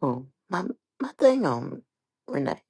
Oh, my my thing on Renee.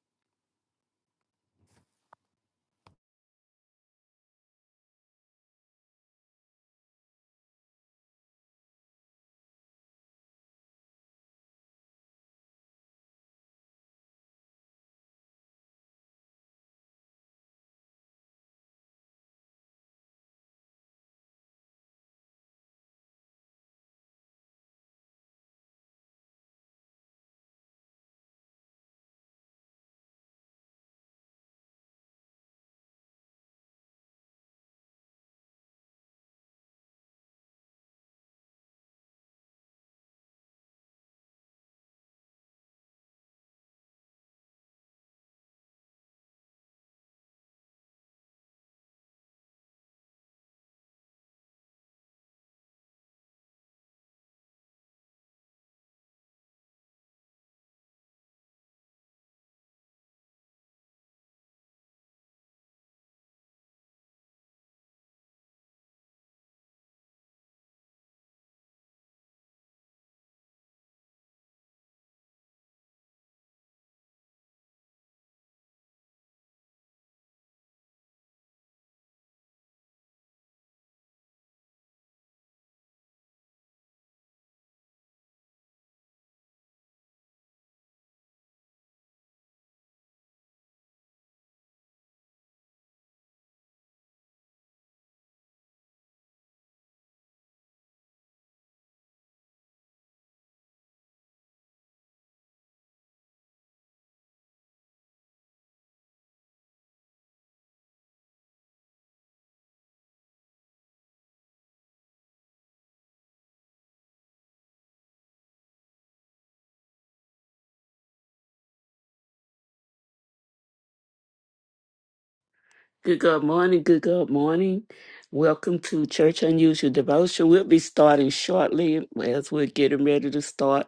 Good good morning, good good morning. Welcome to Church Unusual Devotion. We'll be starting shortly as we're getting ready to start.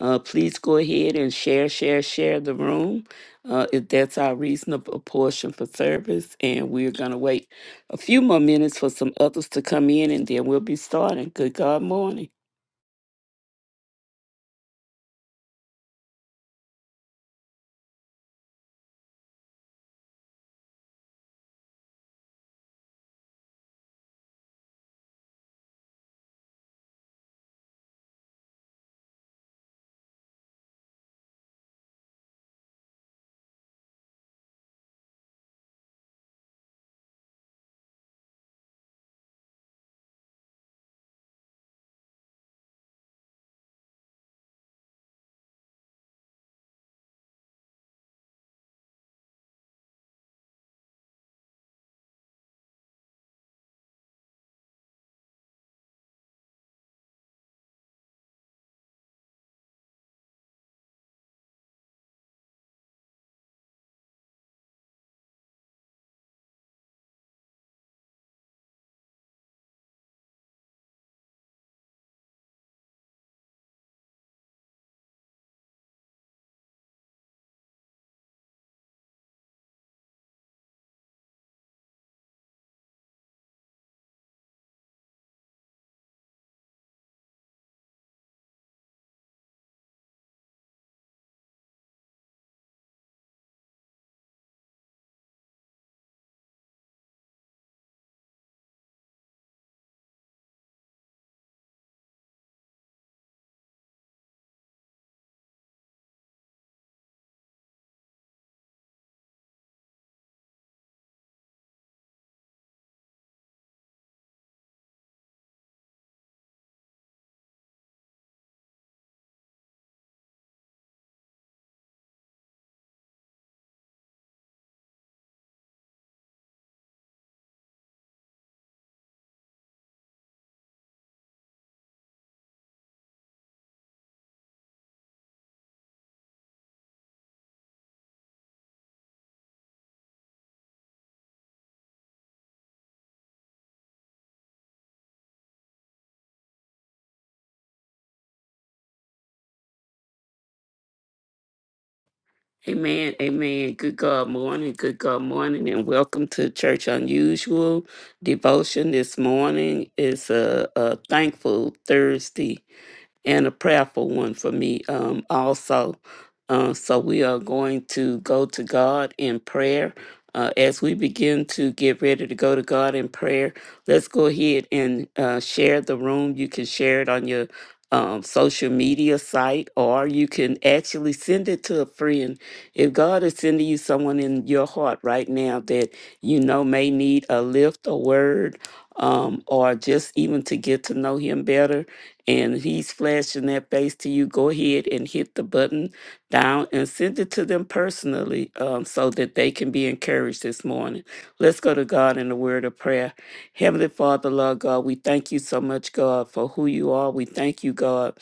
Uh, please go ahead and share, share, share the room uh, if that's our reasonable portion for service. And we're going to wait a few more minutes for some others to come in and then we'll be starting. Good God morning. Amen, amen. Good God morning, good God morning, and welcome to Church Unusual Devotion. This morning is a, a thankful Thursday and a prayerful one for me um, also. Uh, so we are going to go to God in prayer. Uh, as we begin to get ready to go to God in prayer, let's go ahead and uh, share the room. You can share it on your um, social media site, or you can actually send it to a friend. If God is sending you someone in your heart right now that you know may need a lift, a word, um, or just even to get to know Him better, and he's flashing that face to you, go ahead and hit the button down and send it to them personally um, so that they can be encouraged this morning. Let's go to God in the word of prayer. Heavenly Father, Lord God, we thank you so much, God, for who you are. We thank you, God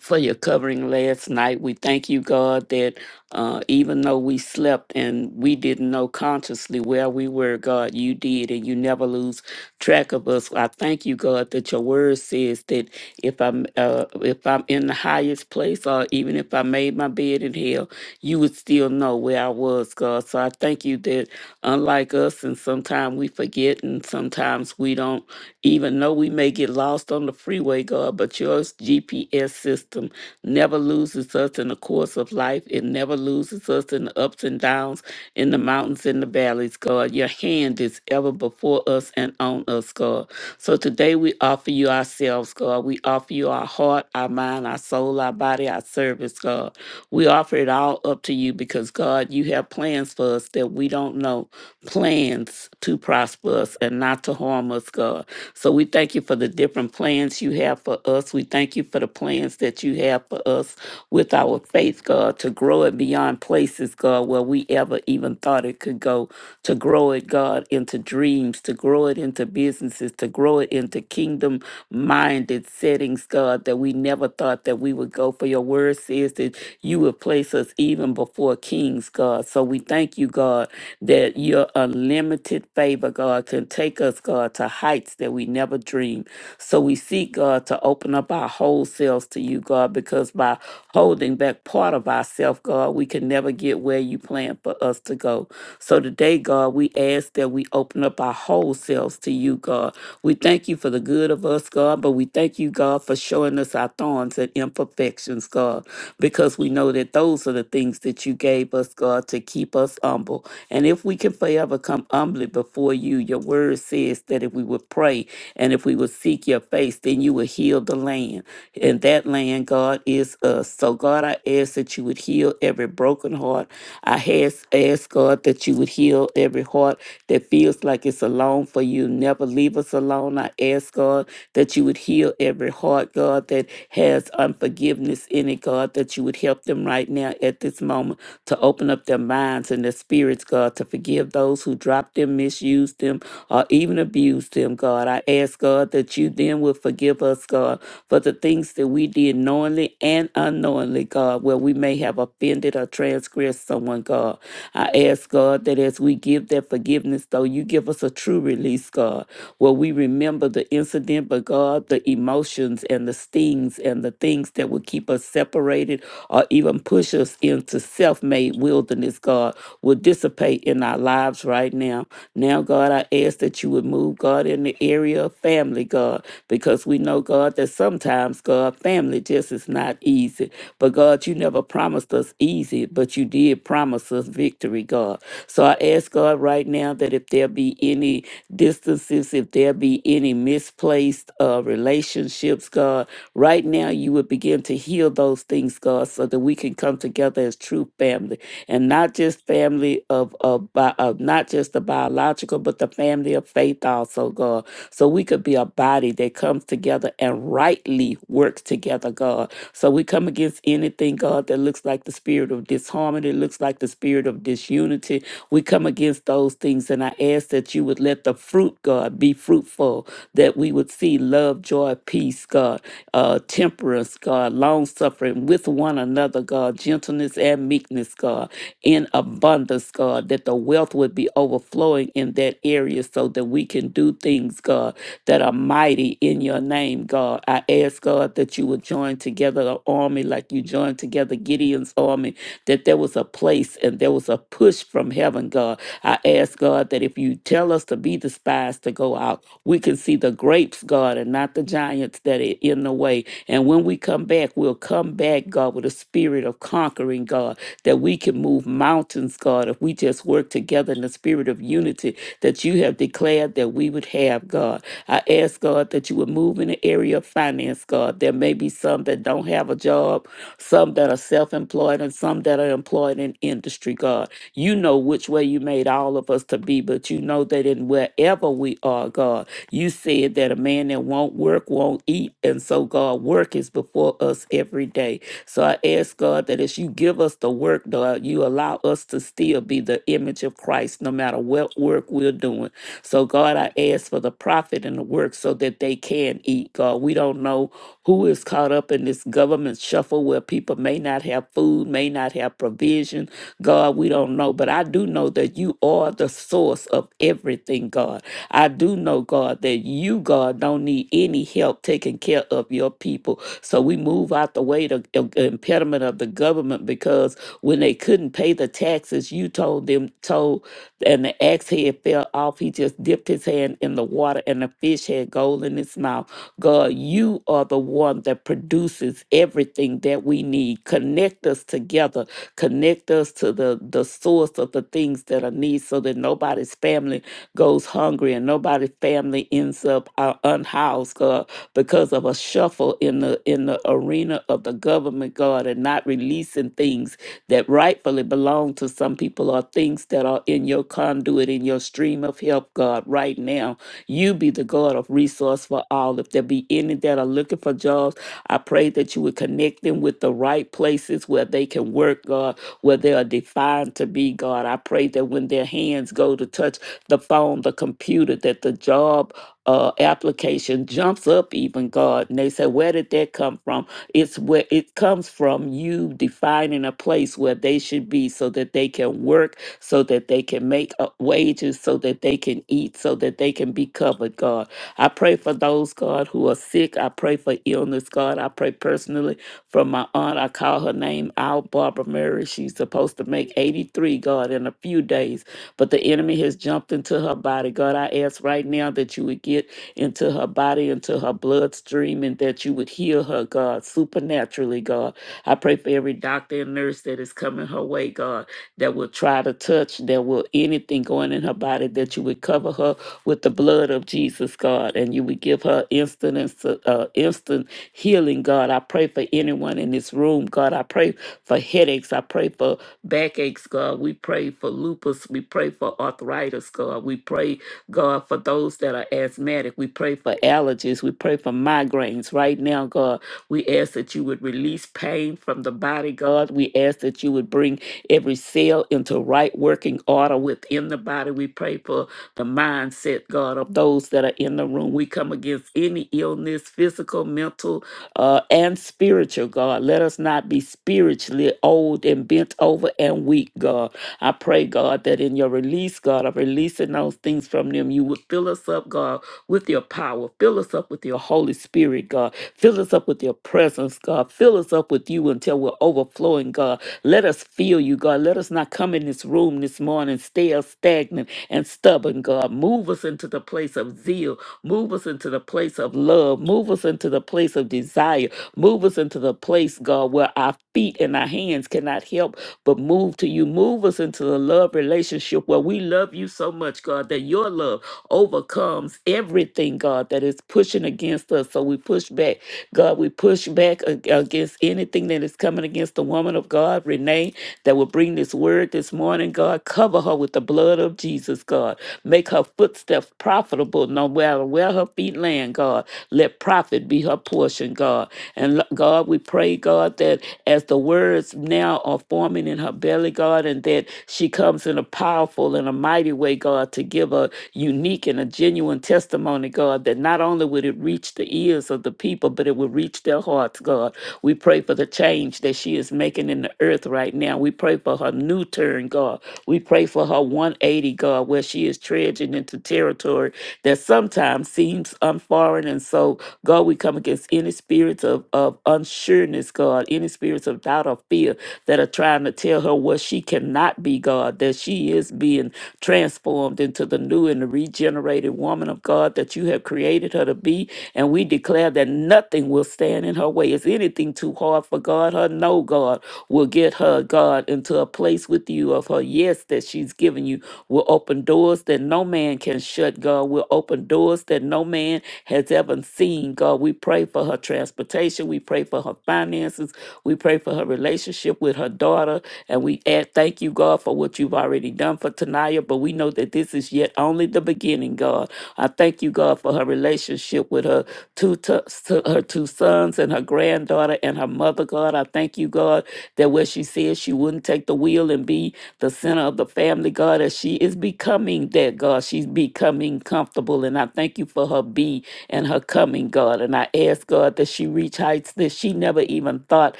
for your covering last night. We thank you, God, that uh, even though we slept and we didn't know consciously where we were, God, you did, and you never lose track of us. I thank you, God, that your word says that if I'm uh, if I'm in the highest place, or even if I made my bed in hell, you would still know where I was, God. So I thank you that unlike us, and sometimes we forget, and sometimes we don't. Even though we may get lost on the freeway, God, but your GPS system never loses us in the course of life. It never loses us in the ups and downs, in the mountains and the valleys, God. Your hand is ever before us and on us, God. So today we offer you ourselves, God. We offer you our heart, our mind, our soul, our body, our service, God. We offer it all up to you because, God, you have plans for us that we don't know. Plans to prosper us and not to harm us, God. So we thank you for the different plans you have for us. We thank you for the plans that you have for us with our faith, God, to grow it beyond places, God, where we ever even thought it could go, to grow it, God, into dreams, to grow it into businesses, to grow it into kingdom minded settings, God, that we never thought that we would go. For your word says that you would place us even before kings, God. So we thank you, God that your unlimited favor, God, can take us, God, to heights that we never dreamed. So we seek, God, to open up our whole selves to you, God, because by holding back part of ourselves, God, we can never get where you plan for us to go. So today, God, we ask that we open up our whole selves to you, God. We thank you for the good of us, God, but we thank you, God, for showing us our thorns and imperfections, God, because we know that those are the things that you gave us, God, to keep us humble. And if we can forever come humbly before you, your word says that if we would pray and if we would seek your face, then you would heal the land. And that land, God, is us. So, God, I ask that you would heal every broken heart. I ask, ask God, that you would heal every heart that feels like it's alone for you. Never leave us alone. I ask, God, that you would heal every heart, God, that has unforgiveness in it, God, that you would help them right now at this moment to open up their minds and their spirits, God, to forgive those who dropped them, misused them, or even abused them, God. I ask, God, that you then will forgive us, God, for the things that we did knowingly and unknowingly, God, where we may have offended or transgressed someone, God. I ask, God, that as we give that forgiveness, though, you give us a true release, God where we remember the incident, but God, the emotions and the stings and the things that would keep us separated or even push us into self made wilderness, God, will dissipate in our lives right now. Now, God, I ask that you would move, God, in the area of family, God because we know, God, that sometimes, God, family just is not easy. But God, you never promised us easy, but you did promise us victory, God. So I ask God right now that if there be any distances, if there be any misplaced uh, relationships, God, right now you would begin to heal those things, God, so that we can come together as true family and not just family of, of, bi- of not just the biological, but the family of faith also, God so we could be a body that comes together and rightly works together, God. So we come against anything, God, that looks like the spirit of disharmony, looks like the spirit of disunity. We come against those things, and I ask that you would let the fruit, God, be fruitful, that we would see love, joy, peace, God, uh, temperance, God, long suffering with one another, God, gentleness and meekness, God in abundance, God, that the wealth would be overflowing in that area so that we can do things, God, that are mighty in your name, God. I ask, God, that you would join together the army like you joined together Gideon's army that there was a place and there was a push from heaven, God. I ask, God, that if you tell us to be the spies to go out, we can see the grapes, God, and not the giants that are in the way. And when we come back, we'll come back, God, with a spirit of conquering, God, that we can move mountains, God, if we just work together in the spirit of unity that you have declared that we would have, God. I ask, God, that you would move in the area of finance, God. There may be some that don't have a job some that are self employed, and some that are employed in industry, God. You know which way you made all of us to be, but you know that in wherever we are, God, you said that a man that won't work won't eat. And so, God, work is before us every day. So I ask, God, that as you give us the work, God, you allow us to still be the image of Christ no matter what work we're doing. So, God, I ask for the profit and the work so that they can eat, God. We don't know who is caught up in this government shuffle where people may not have food, may not have provision. God, we don't know, but I do know that you are the source of everything, God. I do know, God, that you, God, don't need any help taking care of your people. So we move out the way the im- impediment of the government because when they couldn't pay the taxes, you told them, told, and the axe head fell off. He just dipped his hand in the water and the fish had gold in its mouth. God, you are the one that produces everything that we need. Connect us together. Connect us to the, the source of the things that are needed so that nobody's family goes hungry and nobody's family ends up uh, unhoused, God, because of a shuffle in the in the arena of the government, God, and not releasing things that rightfully belong to some people or things that are in your conduit, in your stream of help, God, right now you be the God of resource for all. If there be any that are looking for jobs, I pray that you would connect them with the right places where they can work, God, where they are defined to be, God. I pray that when their hands go to touch the phone, the computer, that the job uh, application jumps up even God. And they say, where did that come from? It's where it comes from you defining a place where they should be so that they can work so that they can make up wages, so that they can eat, so that they can be covered, God. I pray for those, God, who are sick. I pray for illness, God. I pray personally for my aunt. I call her name out, Barbara Murray. She's supposed to make 83, God, in a few days, but the enemy has jumped into her body. God, I ask right now that you would get into her body, into her bloodstream, and that you would heal her, God, supernaturally, God. I pray for every doctor and nurse that is coming her way, God that will try to touch, that will anything going in her body, that you would cover her with the blood of Jesus, God, and you would give her instant and su- uh, instant healing, God. I pray for anyone in this room, God. I pray for headaches. I pray for backaches, God. We pray for lupus. We pray for arthritis, God. We pray God, for those that are asthmatic, we pray for allergies, we pray for migraines. Right now, God, we ask that you would release pain from the body, God. We ask that you would bring every cell into right working order within the body. We pray for the mindset, God, of those that are in the room. We come against any illness, physical, mental, uh, and spiritual, God. Let us not be spiritual spiritually old and bent over and weak, God. I pray, God, that in your release, God, of releasing those things from them, you would fill us up, God, with your power. Fill us up with your Holy Spirit, God. Fill us up with your presence, God. Fill us up with you until we're overflowing, God. Let us feel you, God. Let us not come in this room this morning, stale, stagnant, and stubborn, God. Move us into the place of zeal. Move us into the place of love. Move us into the place of desire Move us into the place, God, where our feet and our hands cannot help but move to you. Move us into the love relationship where we love you so much, God, that your love overcomes everything, God, that is pushing against us. So we push back God, we push back ag- against anything that is coming against the woman of God, Renee, that will bring this word this morning, God. Cover her with the blood of Jesus, God. Make her footsteps profitable no matter where her feet land, God. Let profit be her portion, God. And lo- God, we pray, God, that as the words now are forming in her belly, God, and that she comes in a powerful and a mighty way, God, to give a unique and a genuine testimony, God, that not only would it reach the ears of the people, but it would reach their hearts, God. We pray for the change that she is making in the earth right now. We pray for her new turn, God. We pray for her 180, God, where she is treading into territory that sometimes seems unforeign. And so, God, we come against any spirits of, of unsureness, God, any spirits of doubt or fear that are trying to tell her what she cannot be, God, that she is being transformed into the new and the regenerated woman of God that you have created her to be. And we declare that nothing will stand in her way. Is anything too hard for God? Her no, God will get her, God, into a place with you of her yes that she's given you will open doors that no man can shut, God. will open doors that no man has ever seen, God. We pray for her transportation. We pray for her finances. We pray for her relationship with her daughter. And we add, thank you, God, for what you've already done for Tanaya. But we know that this is yet only the beginning, God. I thank you, God, for her relationship with her two tu- s- her two sons and her granddaughter and her mother, God. I thank you, God, that where she said she wouldn't take the wheel and be the center of the family, God, as she is becoming that, God. She's becoming comfortable. And I thank you for her be and her coming, God. And I ask, God, that she reach heights that she never even thought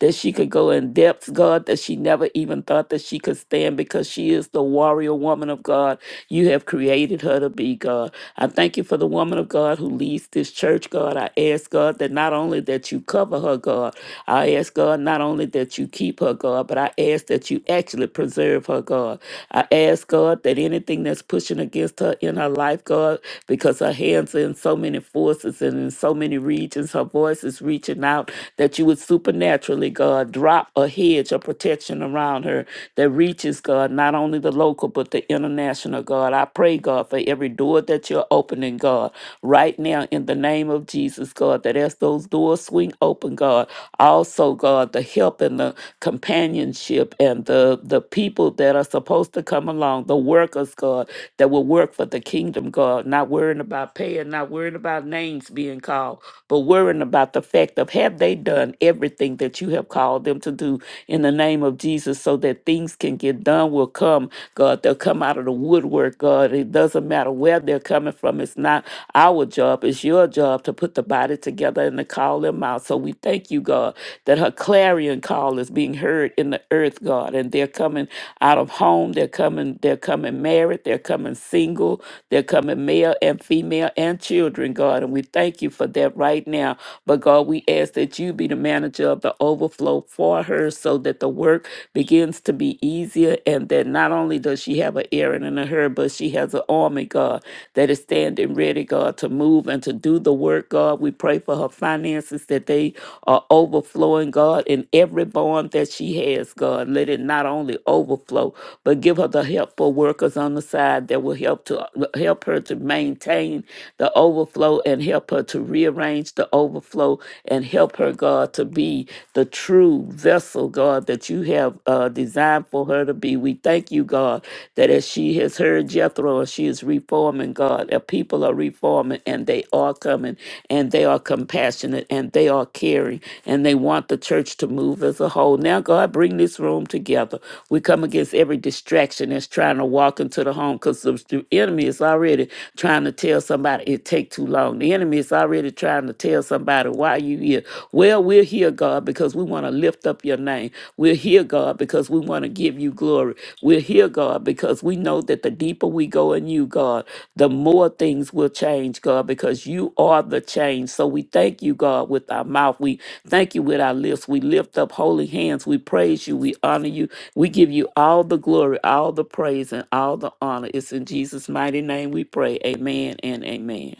that she could go in depths, God, that she never even thought that she could stand because she is the warrior woman of God you have created her to be, God. I thank you for the woman of God who leads this church, God. I ask God that not only that you cover her, God, I ask God not only that you keep her, God, but I ask that you actually preserve her, God. I ask God that anything that's pushing against her in her life, God, because her hands are in so many forces and in so many regions, her voice is reaching out, that you would supernaturally, God, drop a hedge of protection around her that reaches, God. God, not only the local, but the international, God. I pray, God, for every door that you're opening, God, right now in the name of Jesus, God, that as those doors swing open, God, also, God, the help and the companionship and the, the people that are supposed to come along, the workers, God, that will work for the kingdom, God, not worrying about paying, not worrying about names being called, but worrying about the fact of have they done everything that you have called them to do in the name of Jesus so that things can get done will come, God. They'll come out of the woodwork, God. It doesn't matter where they're coming from. It's not our job, it's your job to put the body together and to call them out. So we thank you, God, that her clarion call is being heard in the earth, God. And they're coming out of home, they're coming, they're coming married, they're coming single, they're coming male male and female and children, God. And we thank you for that right now. But God, we ask that you be the manager of the overflow for her so that the work begins to be easier and that not only does she have an errand in her, but she has an army, God, that is standing ready, God, to move and to do the work, God. We pray for her finances that they are overflowing, God, in every bond that she has, God. Let it not only overflow, but give her the help helpful workers on the side that will help to help her to maintain the overflow and help her to rearrange the overflow and help her, God, to be the true vessel, God, that you have uh, designed for her to be. We thank you, God, that as she has heard Jethro and she is reforming, God, that people are reforming and they are coming and they are compassionate and they are caring and they want the church to move as a whole. Now, God, bring in this room together. We come against every distraction that's trying to walk into the home because the the enemy is already trying to tell somebody it take too long. The enemy is already trying to tell somebody why you here. Well, we're here, God, because we want to lift up your name. We're here, God, because we want to give you glory. We're here, God, because we know that the deeper we go in you, God, the more things will change, God, because you are the change. So we thank you, God, with our mouth. We Thank you with our lips. We lift up holy hands. We praise you. We honor you. We give you all the glory, all the praise, and all the honor. It's in Jesus' mighty name we pray. Amen and amen.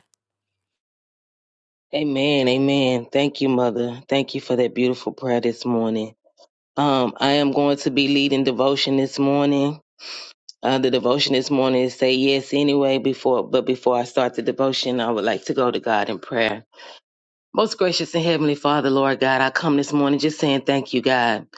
Amen. Amen. Thank you, Mother. Thank you for that beautiful prayer this morning. Um, I am going to be leading devotion this morning. Uh, the devotion this morning is say yes anyway. Before, but before I start the devotion, I would like to go to God in prayer. Most gracious and heavenly Father, Lord God, I come this morning just saying thank you, God.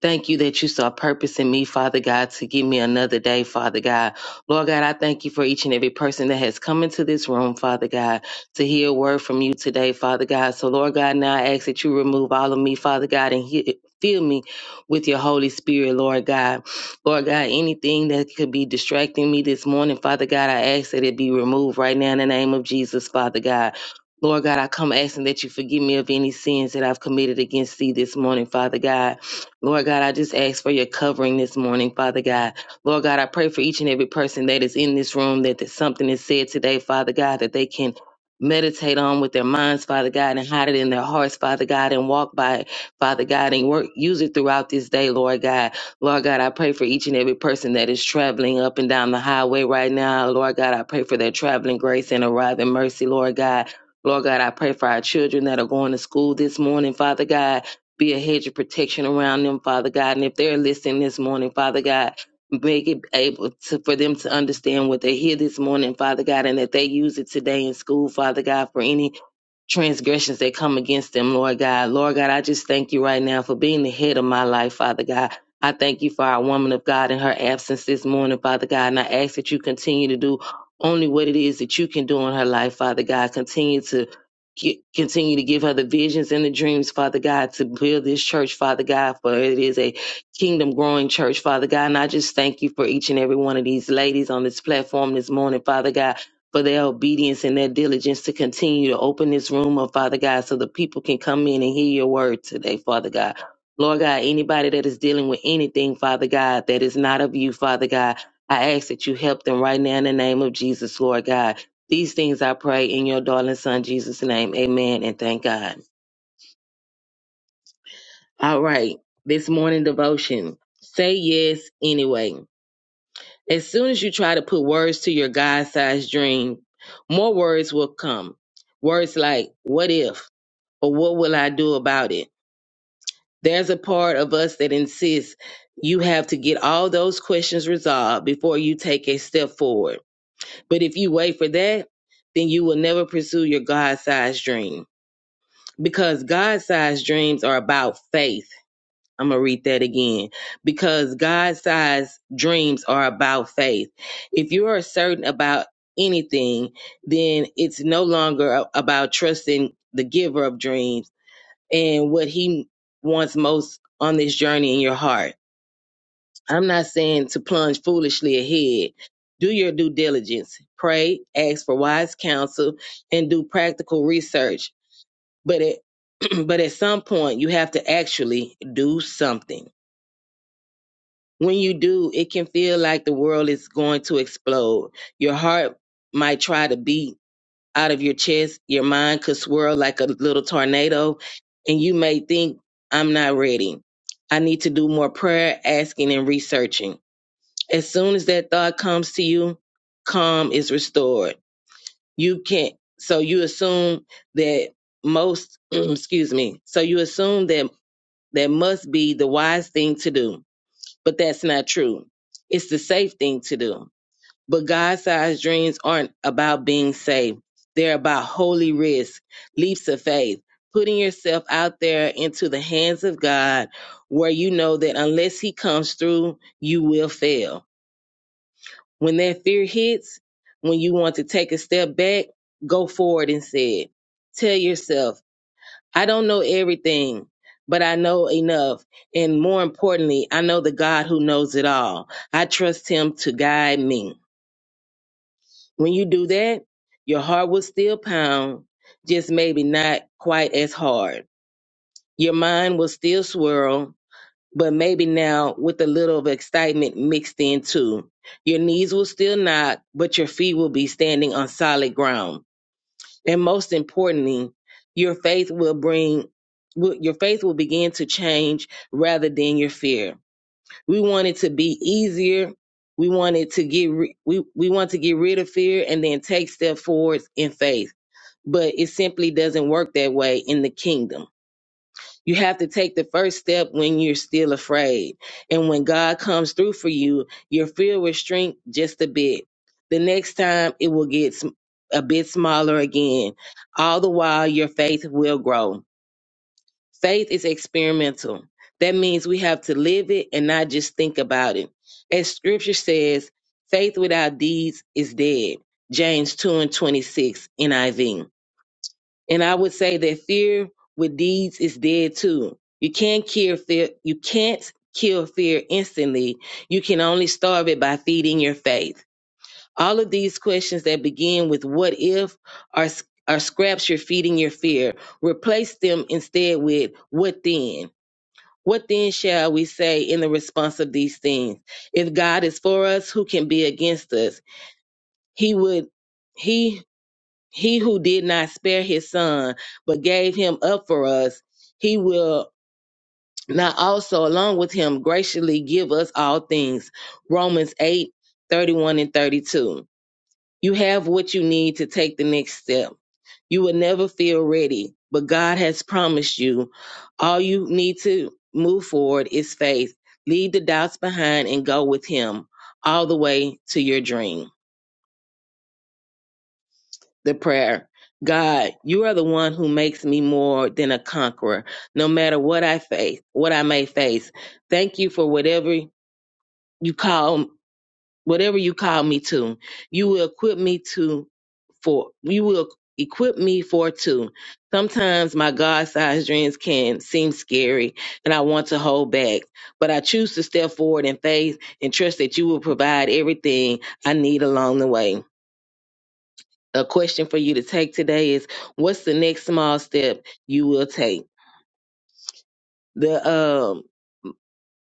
Thank you that you saw purpose in me, Father God, to give me another day, Father God. Lord God, I thank you for each and every person that has come into this room, Father God, to hear a word from you today, Father God. So, Lord God, now I ask that you remove all of me, Father God, and he- fill me with your Holy Spirit, Lord God. Lord God, anything that could be distracting me this morning, Father God, I ask that it be removed right now in the name of Jesus, Father God. Lord God, I come asking that you forgive me of any sins that I've committed against thee this morning, Father God. Lord God, I just ask for your covering this morning, Father God. Lord God, I pray for each and every person that is in this room that, that something is said today, Father God, that they can meditate on with their minds, Father God, and hide it in their hearts, Father God, and walk by it, Father God, and work use it throughout this day, Lord God. Lord God, I pray for each and every person that is traveling up and down the highway right now. Lord God, I pray for their traveling grace and arriving mercy, Lord God. Lord God, I pray for our children that are going to school this morning, Father God. Be a hedge of protection around them, Father God. And if they're listening this morning, Father God, make it able to, for them to understand what they hear this morning, Father God, and that they use it today in school, Father God, for any transgressions that come against them, Lord God. Lord God, I just thank you right now for being the head of my life, Father God. I thank you for our woman of God in her absence this morning, Father God. And I ask that you continue to do only what it is that you can do in her life, Father God. Continue to continue to give her the visions and the dreams father god to build this church father god for it is a kingdom growing church father god and i just thank you for each and every one of these ladies on this platform this morning father god for their obedience and their diligence to continue to open this room up, Father God, so the people can come in and hear your word today, Father God. Lord God, anybody that is dealing with anything, Father God, that is not of you, Father God, I ask that you help them right now in the name of Jesus, Lord God. These things I pray in your darling son, Jesus' name. Amen and thank God. All right. This morning devotion. Say yes anyway. As soon as you try to put words to your God sized dream, more words will come. Words like, what if, or what will I do about it? There's a part of us that insists you have to get all those questions resolved before you take a step forward. But if you wait for that, then you will never pursue your God sized dream because God sized dreams are about faith I'm gonna read that again because God sized dreams are about faith. If you are certain about anything, then it's no longer a- about trusting the giver of dreams and what he wants most on this journey in your heart. I'm not saying to plunge foolishly ahead. Do your due diligence, pray, ask for wise counsel, and do practical research. But at, but at some point, you have to actually do something When you do, it can feel like the world is going to explode. Your heart might try to beat out of your chest. Your mind could swirl like a little tornado, and you may think, I'm not ready. I need to do more prayer, asking, and researching. As soon as that thought comes to you, calm is restored. You can't, so you assume that most, excuse me, so you assume that that must be the wise thing to do but that's not true. It's the safe thing to do. But God sized dreams aren't about being safe. they're about holy risk, leaps of faith, putting yourself out there into the hands of God where you know that unless He comes through, you will fail. When that fear hits, when you want to take a step back, go forward instead. Tell yourself, I don't know everything, but I know enough. And more importantly, I know the God who knows it all. I trust him to guide me. When you do that, your heart will still pound, just maybe not quite as hard. Your mind will still swirl, but maybe now with a little of excitement mixed in too. Your knees will still knock, but your feet will be standing on solid ground. And most importantly, your faith will bring will- your faith will begin to change rather than your fear. We want it to be easier. We want it to get ri- we we want to get rid of fear and then take step forwards in faith. But it simply doesn't work that way in the kingdom you have to take the first step when you're still afraid. And when God comes through for you, your fear will shrink just a bit. The next time it will get sm- a bit smaller again. All the while, your faith will grow. Faith is experimental. That means we have to live it and not just think about it. As scripture says, faith without deeds is dead. James 2 and 26 NIV. And I would say that fear with deeds is dead too. You can't kill fear. You can't kill fear instantly. You can only starve it by feeding your faith. All of these questions that begin with "what if" are are scraps you're feeding your fear. Replace them instead with "what then." What then shall we say in the response of these things? If God is for us, who can be against us? He would. He he who did not spare his son, but gave him up for us, he will not also, along with him, graciously give us all things. Romans 8 31 and 32. You have what you need to take the next step. You will never feel ready, but God has promised you. All you need to move forward is faith. Leave the doubts behind and go with Him all the way to your dream. the prayer. God, you are the one who makes me more than a conqueror, no matter what I face, what I may face. Thank you for whatever you call whatever you call me to. You will equip me to for you will equip me for two. Sometimes my God-sized dreams can seem scary and I want to hold back, but I choose to step forward in faith and trust that you will provide everything I need along the way a question for you to take today is what's the next small step you will take? The um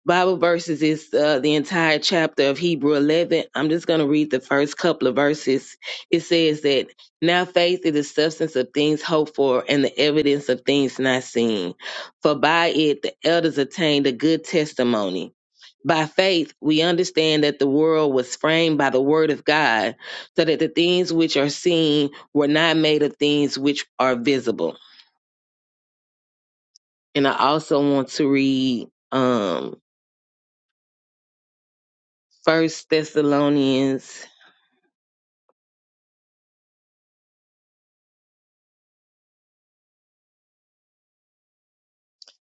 Bible verses is uh, the entire chapter of Hebrew 11. I'm just going to read the first couple of verses. It says that now faith is the substance of things hoped for and the evidence of things not seen. For by it the elders attained a good testimony. By faith, we understand that the world was framed by the word of God, so that the things which are seen were not made of things which are visible. And I also want to read um, First Thessalonians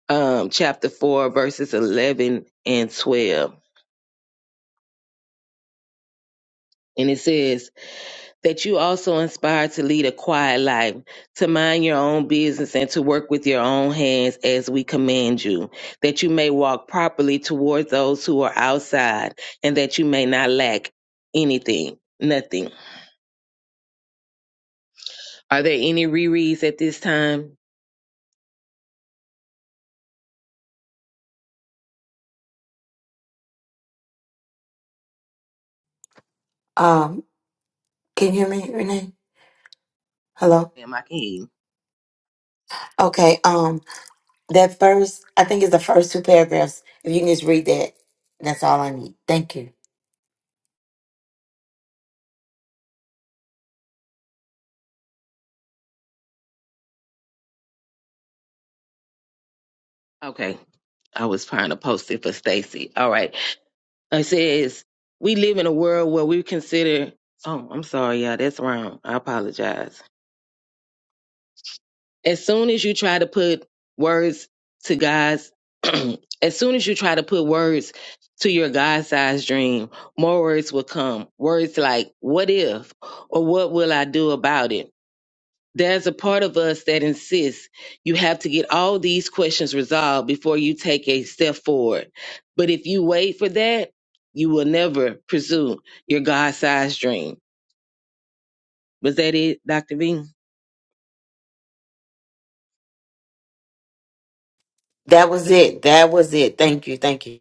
um, chapter 4, verses 11 and 12. And it says, That you also inspired to lead a quiet life, to mind your own business, and to work with your own hands as we command you, that you may walk properly towards those who are outside, and that you may not lack anything, nothing. Are there any rereads at this time? Um, can you hear me, Renee? Hello. Ma'am, I can hear you. Okay. Um, that first, I think it's the first two paragraphs. If you can just read that, that's all I need. Thank you. Okay. I was trying to post it for Stacy. All right. It says we live in a world where we consider. Oh, I'm sorry, y'all. That's wrong. I apologize. As soon as you try to put words to God's, as soon as you try to put words to your God-sized dream, more words will come. Words like "What if?" or "What will I do about it?" there's a part of us that insists you have to get all these questions resolved before you take a step forward. But if you wait for that, you will never pursue your God sized dream. Was that it, Dr. V? That was it. That was it. Thank you. Thank you.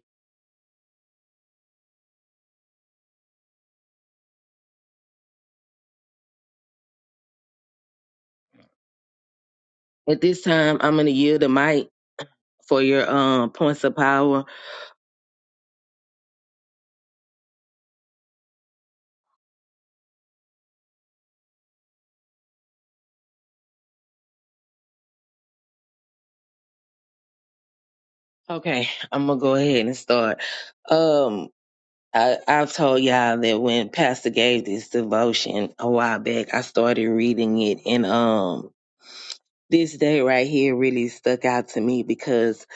At this time, I'm going to yield the mic for your um, points of power. Okay, I'm going to go ahead and start. Um, I, I've told y'all that when Pastor gave this devotion a while back, I started reading it in. um, this day right here really stuck out to me because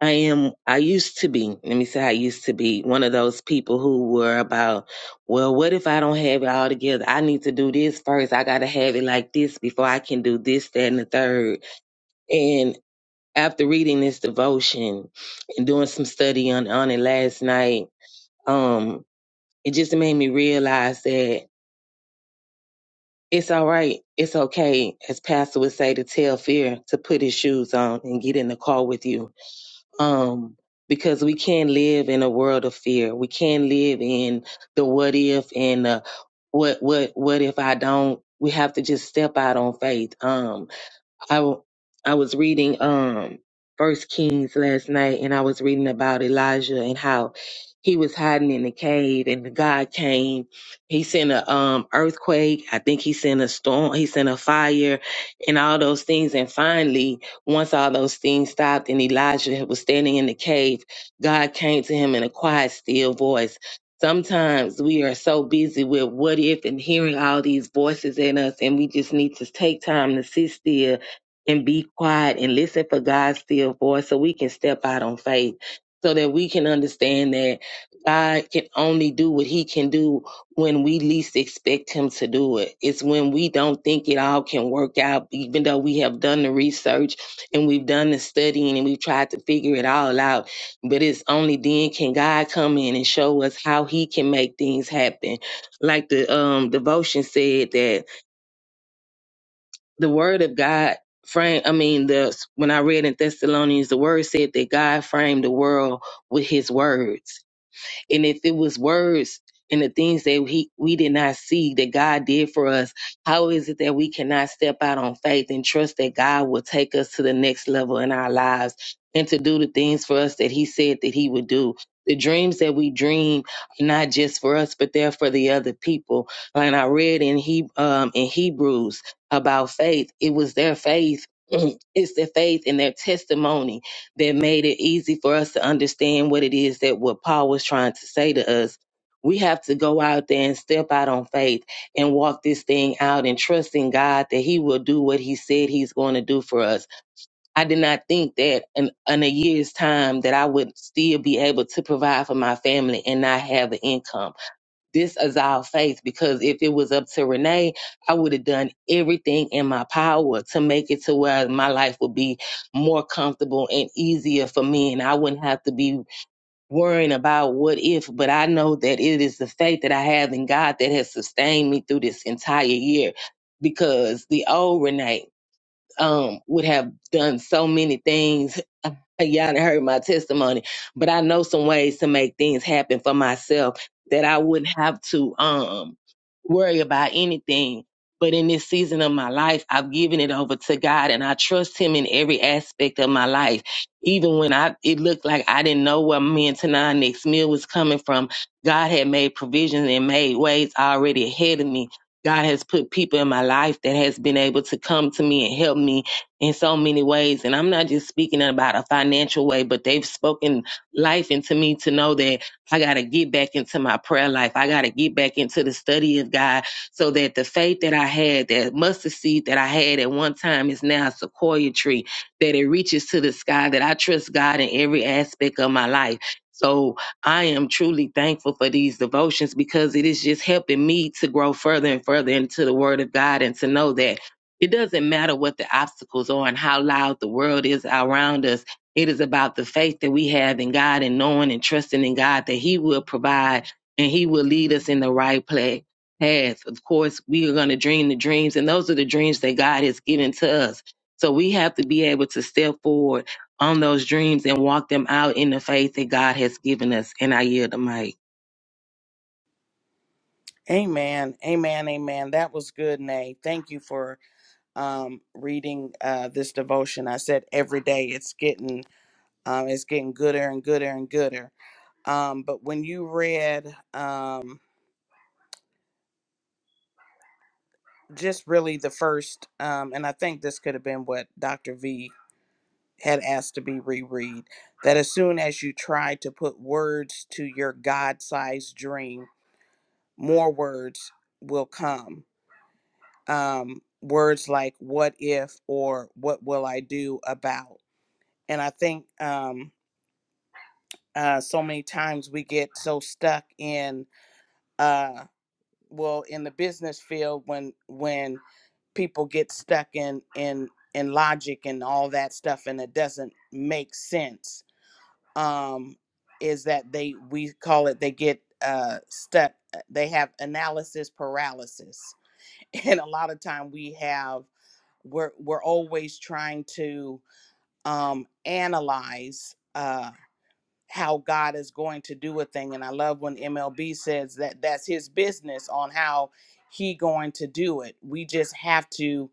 I am, I used to be, let me say, I used to be one of those people who were about, well, what if I don't have it all together? I need to do this first. I got to have it like this before I can do this, that, and the third. And after reading this devotion and doing some study on, on it last night, um, it just made me realize that it's all right. It's okay, as Pastor would say, to tell fear to put his shoes on and get in the car with you um, because we can't live in a world of fear. We can't live in the what if and the what what what if I don't. We have to just step out on faith. Um, I w- I was reading um First Kings last night, and I was reading about Elijah and how he was hiding in the cave, and God came. He sent a um earthquake. I think he sent a storm. He sent a fire, and all those things. And finally, once all those things stopped, and Elijah was standing in the cave, God came to him in a quiet, still voice. Sometimes we are so busy with what if and hearing all these voices in us, and we just need to take time to sit still and be quiet and listen for God's still voice so we can step out on faith so that we can understand that God can only do what he can do when we least expect him to do it. It's when we don't think it all can work out, even though we have done the research and we've done the studying and we've tried to figure it all out. But it's only then can God come in and show us how he can make things happen. Like the um devotion said that the word of God frame I mean the when I read in Thessalonians the word said that God framed the world with his words. And if it was words and the things that we, we did not see that God did for us, how is it that we cannot step out on faith and trust that God will take us to the next level in our lives and to do the things for us that He said that He would do? The dreams that we dream are not just for us, but they're for the other people. And I read in he um, in Hebrews about faith. It was their faith. It's their faith and their testimony that made it easy for us to understand what it is that what Paul was trying to say to us. We have to go out there and step out on faith and walk this thing out and trust in God that He will do what He said He's going to do for us. I did not think that in, in a year's time that I would still be able to provide for my family and not have an income. This is our faith because if it was up to Renee, I would have done everything in my power to make it to where my life would be more comfortable and easier for me. And I wouldn't have to be worrying about what if, but I know that it is the faith that I have in God that has sustained me through this entire year because the old Renee um, would have done so many things. Y'all done heard my testimony, but I know some ways to make things happen for myself that I wouldn't have to um worry about anything. But in this season of my life, I've given it over to God and I trust him in every aspect of my life. Even when I it looked like I didn't know where me and Tanah next meal was coming from, God had made provisions and made ways already ahead of me. God has put people in my life that has been able to come to me and help me in so many ways. And I'm not just speaking about a financial way, but they've spoken life into me to know that I got to get back into my prayer life. I got to get back into the study of God so that the faith that I had, that mustard seed that I had at one time is now a sequoia tree, that it reaches to the sky, that I trust God in every aspect of my life. So I am truly thankful for these devotions because it is just helping me to grow further and further into the Word of God and to know that it doesn't matter what the obstacles are and how loud the world is around us. It is about the faith that we have in God and knowing and trusting in God that He will provide and He will lead us in the right pla- path. Of course, we are going to dream the dreams, and those are the dreams that God has given to us. So we have to be able to step forward on those dreams and walk them out in the faith that God has given us. And I yield the mic. Amen. Amen. Amen. That was good, Nay. Thank you for um reading uh this devotion. I said every day it's getting um it's getting gooder and gooder and gooder. Um but when you read um just really the first um and I think this could have been what Dr. V had asked to be reread that as soon as you try to put words to your God-sized dream, more words will come um, words like what if or what will I do about. And I think um, uh, so many times we get so stuck in, uh, well, in the business field when, when, people get stuck in in in logic and all that stuff and it doesn't make sense um is that they we call it they get uh stuck uh, they have analysis paralysis and a lot of time we have we're we're always trying to um analyze uh how God is going to do a thing and I love when MLB says that that's his business on how he going to do it. We just have to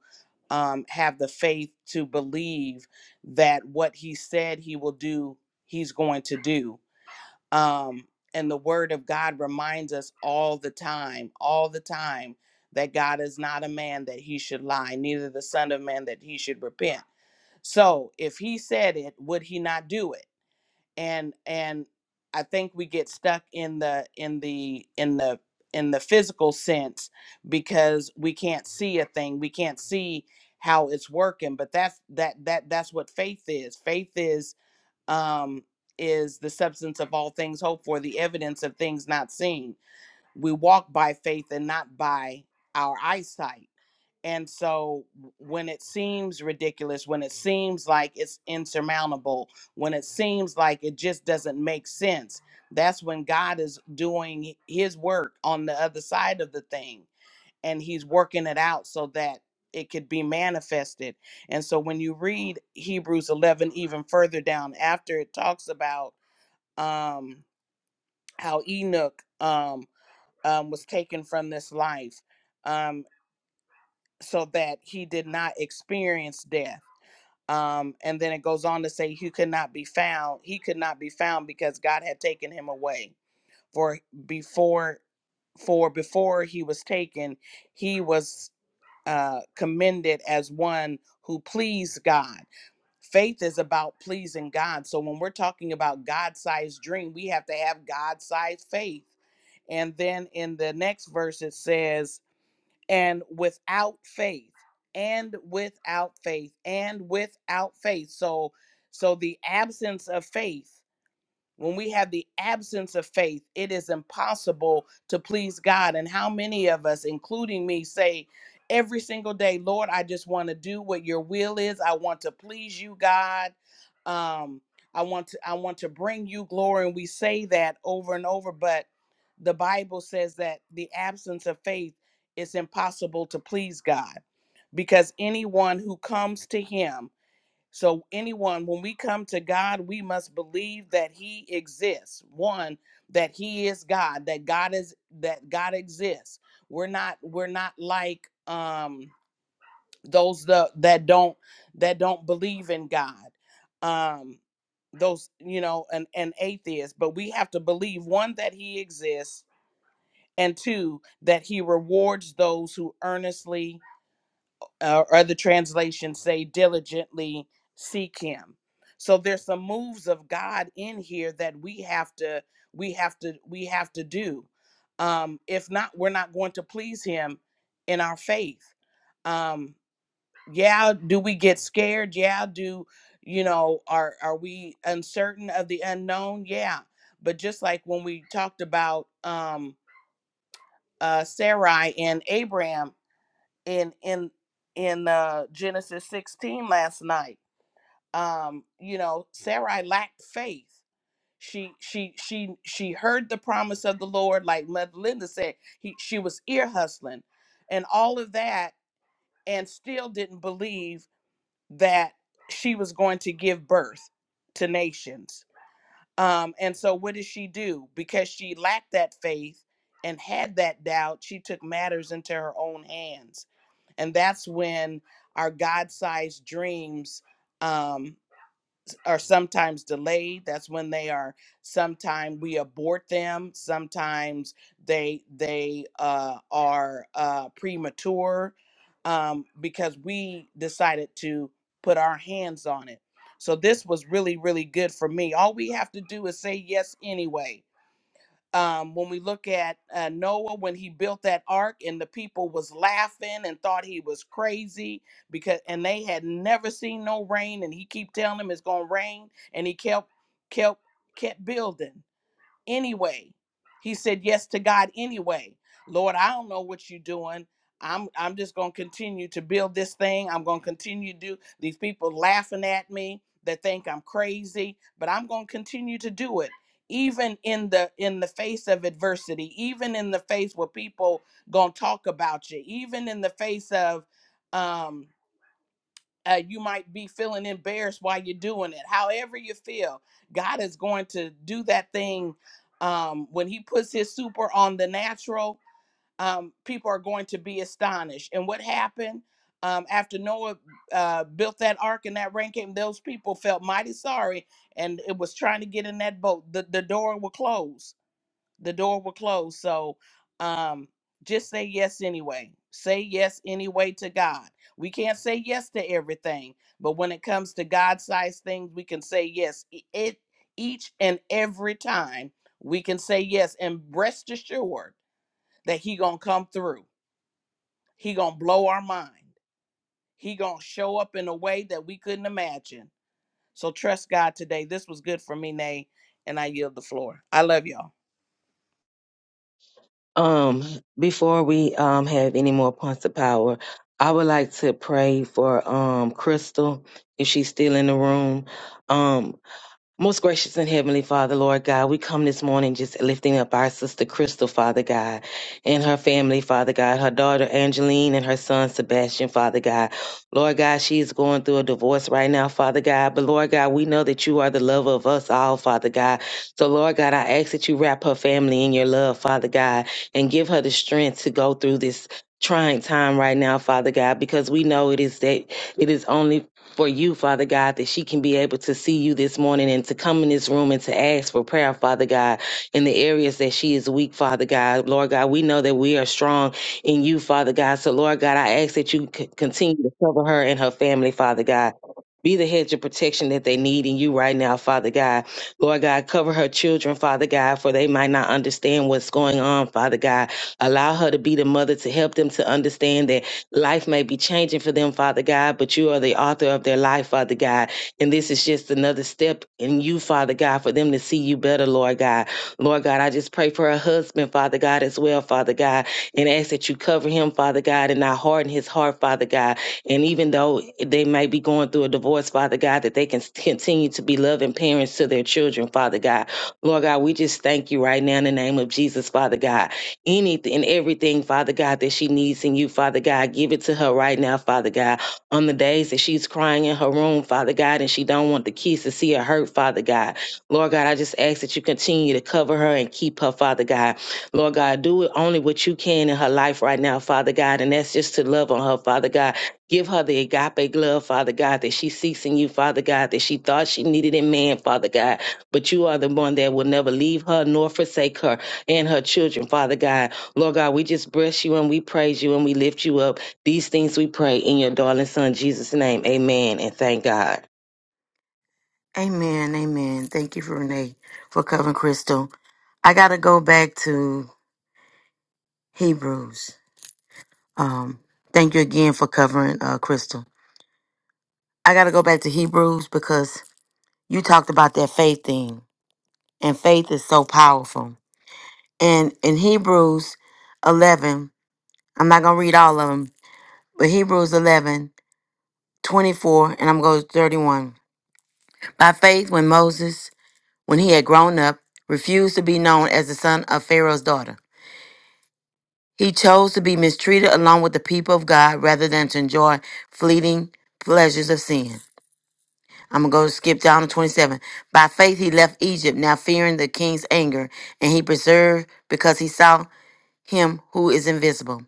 um have the faith to believe that what he said he will do, he's going to do um, and the word of god reminds us all the time all the time that god is not a man that he should lie neither the son of man that he should repent so if he said it would he not do it and and i think we get stuck in the in the in the in the physical sense because we can't see a thing we can't see how it's working but that's that that that's what faith is faith is um, is the substance of all things hoped for, the evidence of things not seen. We walk by faith and not by our eyesight. And so, when it seems ridiculous, when it seems like it's insurmountable, when it seems like it just doesn't make sense, that's when God is doing His work on the other side of the thing and he's working it out so that it could be manifested. And so when you read Hebrews 11 even further down after it talks about um how Enoch um um was taken from this life um so that he did not experience death. Um and then it goes on to say he could not be found. He could not be found because God had taken him away. For before for before he was taken, he was uh, commended as one who pleased God. Faith is about pleasing God. So when we're talking about God-sized dream, we have to have God-sized faith. And then in the next verse it says, and without faith, and without faith, and without faith. So so the absence of faith when we have the absence of faith, it is impossible to please God. And how many of us, including me, say every single day, Lord, I just want to do what your will is. I want to please you, God. Um, I want to I want to bring you glory. And we say that over and over, but the Bible says that the absence of faith is impossible to please God because anyone who comes to him so, anyone, when we come to God, we must believe that He exists. One, that He is God, that God is that God exists. We're not we're not like um those the, that don't that don't believe in God. Um those you know an, an atheist but we have to believe one that he exists and two that he rewards those who earnestly uh, or the translations say diligently seek him so there's some moves of god in here that we have to we have to we have to do um if not we're not going to please him in our faith um yeah do we get scared yeah do you know are are we uncertain of the unknown yeah but just like when we talked about um uh sarai and abraham in in in uh, Genesis 16 last night. Um, you know, Sarai lacked faith. She she she she heard the promise of the Lord, like Mother Linda said. He she was ear hustling, and all of that, and still didn't believe that she was going to give birth to nations. Um, and so, what did she do? Because she lacked that faith and had that doubt, she took matters into her own hands and that's when our god-sized dreams um, are sometimes delayed that's when they are sometimes we abort them sometimes they they uh, are uh, premature um, because we decided to put our hands on it so this was really really good for me all we have to do is say yes anyway um, when we look at uh, noah when he built that ark and the people was laughing and thought he was crazy because and they had never seen no rain and he keep telling them it's gonna rain and he kept kept kept building anyway. He said yes to God anyway. Lord, I don't know what you're doing. I'm I'm just gonna continue to build this thing. I'm gonna continue to do these people laughing at me that think I'm crazy, but I'm gonna continue to do it. Even in the in the face of adversity, even in the face where people gonna talk about you, even in the face of um uh, you might be feeling embarrassed while you're doing it. However, you feel, God is going to do that thing um, when He puts His super on the natural. Um, people are going to be astonished. And what happened um, after Noah uh, built that ark and that rain came? Those people felt mighty sorry, and it was trying to get in that boat. The the door will close the door will close. So um just say yes anyway. Say yes anyway to God. We can't say yes to everything, but when it comes to God sized things, we can say yes. E- It each and every time we can say yes and rest assured that He gonna come through. He gonna blow our mind. He gonna show up in a way that we couldn't imagine. So trust God today. This was good for me, Nay, and I yield the floor. I love y'all. Um, before we um have any more points of power, I would like to pray for um Crystal if she's still in the room. Um, Most gracious and heavenly Father, Lord God, we come this morning just lifting up our sister Crystal, Father God, and her family, Father God, her daughter Angeline and her son Sebastian, Father God. Lord God, she is going through a divorce right now, Father God. But Lord God, we know that you are the lover of us all, Father God. So Lord God, I ask that you wrap her family in your love, Father God, and give her the strength to go through this trying time right now, Father God, because we know it is that it is only for you, Father God, that she can be able to see you this morning and to come in this room and to ask for prayer, Father God, in the areas that she is weak, Father God. Lord God, we know that we are strong in you, Father God. So, Lord God, I ask that you c- continue to cover her and her family, Father God. Be the hedge of protection that they need in you right now, Father God. Lord God, cover her children, Father God, for they might not understand what's going on, Father God. Allow her to be the mother to help them to understand that Life may be changing for them, Father God, but you are the author of their life, Father God. And this is just another step in you, Father God, for them to see you better, Lord God. Lord God, I just pray for her husband, Father God, as well, Father God, and ask that you cover him, Father God, and not harden his heart, Father God. And even though they might be going through a divorce, Father God, that they can continue to be loving parents to their children, Father God. Lord God, we just thank you right now in the name of Jesus, Father God anything and everything, Father God, that she needs in you, Father God. Give it to her right now, Father God. On the days that she's crying in her room, Father God, and she don't want the kids to see her hurt, Father God. Lord God, I just ask that you continue to cover her and keep her, Father God. Lord God, do it only what you can in her life right now, Father God, and that's just to love on her, Father God. Give her the agape love, Father God, that she seeks in you, Father God, that she thought she needed in man, Father God. But you are the one that will never leave her nor forsake her and her children, Father God. Lord God, we just bless you and we praise you and we lift you up. These things we pray in your darling son Jesus' name. Amen. And thank God. Amen. Amen. Thank you, for Renee, for covering Crystal. I gotta go back to Hebrews. Um, thank you again for covering uh, Crystal. I gotta go back to Hebrews because you talked about that faith thing and faith is so powerful. And in Hebrews 11, I'm not going to read all of them, but Hebrews 11:24, and I'm going to go to 31. By faith, when Moses, when he had grown up, refused to be known as the son of Pharaoh's daughter, he chose to be mistreated along with the people of God rather than to enjoy fleeting pleasures of sin. I'm going to go skip down to 27. By faith, he left Egypt, now fearing the king's anger, and he preserved because he saw. him who is invisible.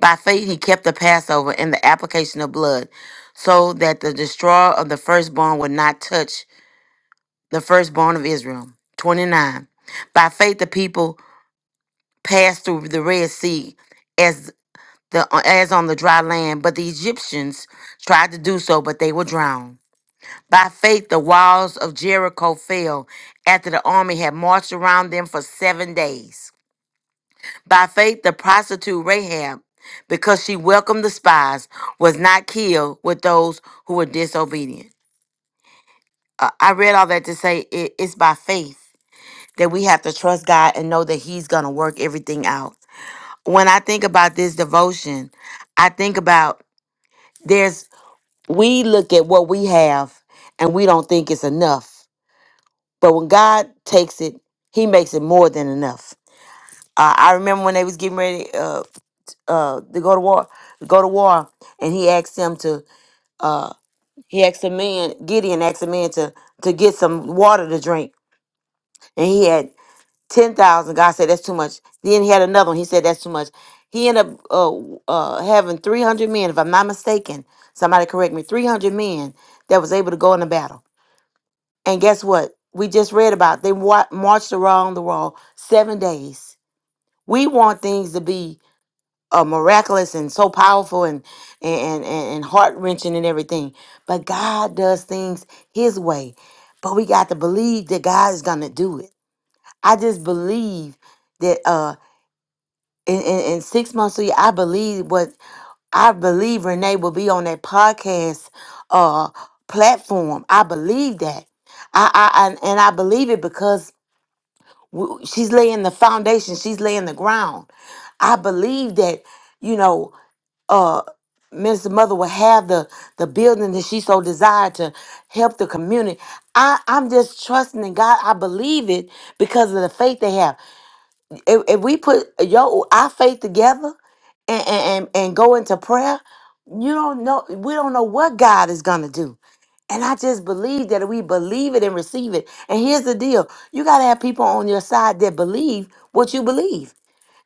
By faith, he kept the Passover and the application of blood, so that the destroyer of the firstborn would not touch the firstborn of Israel. 29. By faith, the people passed through the Red Sea as the as on the dry land, but the Egyptians tried to do so, but they were drowned. By faith, the walls of Jericho fell after the army had marched around them for seven days. By faith, the prostitute Rahab, because she welcomed the spies, was not killed with those who were disobedient. Uh, I read all that to say it- it's by faith that we have to trust God and know that He's going to work everything out. When I think about this devotion, I think about there's, we look at what we have and we don't think it's enough. But when God takes it, He makes it more than enough. Uh, I remember when they was getting ready. uh, uh to go to war go to war and he asked him to uh he asked a man gideon asked a man to to get some water to drink and he had 10,000 god said that's too much then he had another one he said that's too much he ended up uh, w- uh having 300 men if i'm not mistaken somebody correct me 300 men that was able to go in the battle and guess what we just read about they wa- marched around the wall seven days we want things to be uh, miraculous and so powerful and and and, and heart wrenching and everything. But God does things His way. But we got to believe that God is gonna do it. I just believe that uh in, in, in six months, to I believe what I believe Renee will be on that podcast uh platform. I believe that. I, I, I and I believe it because w- she's laying the foundation. She's laying the ground. I believe that. You know, uh Minister Mother will have the the building that she so desired to help the community. I, I'm just trusting in God. I believe it because of the faith they have. If, if we put yo our faith together and, and and and go into prayer, you don't know we don't know what God is gonna do. And I just believe that we believe it and receive it. And here's the deal: you gotta have people on your side that believe what you believe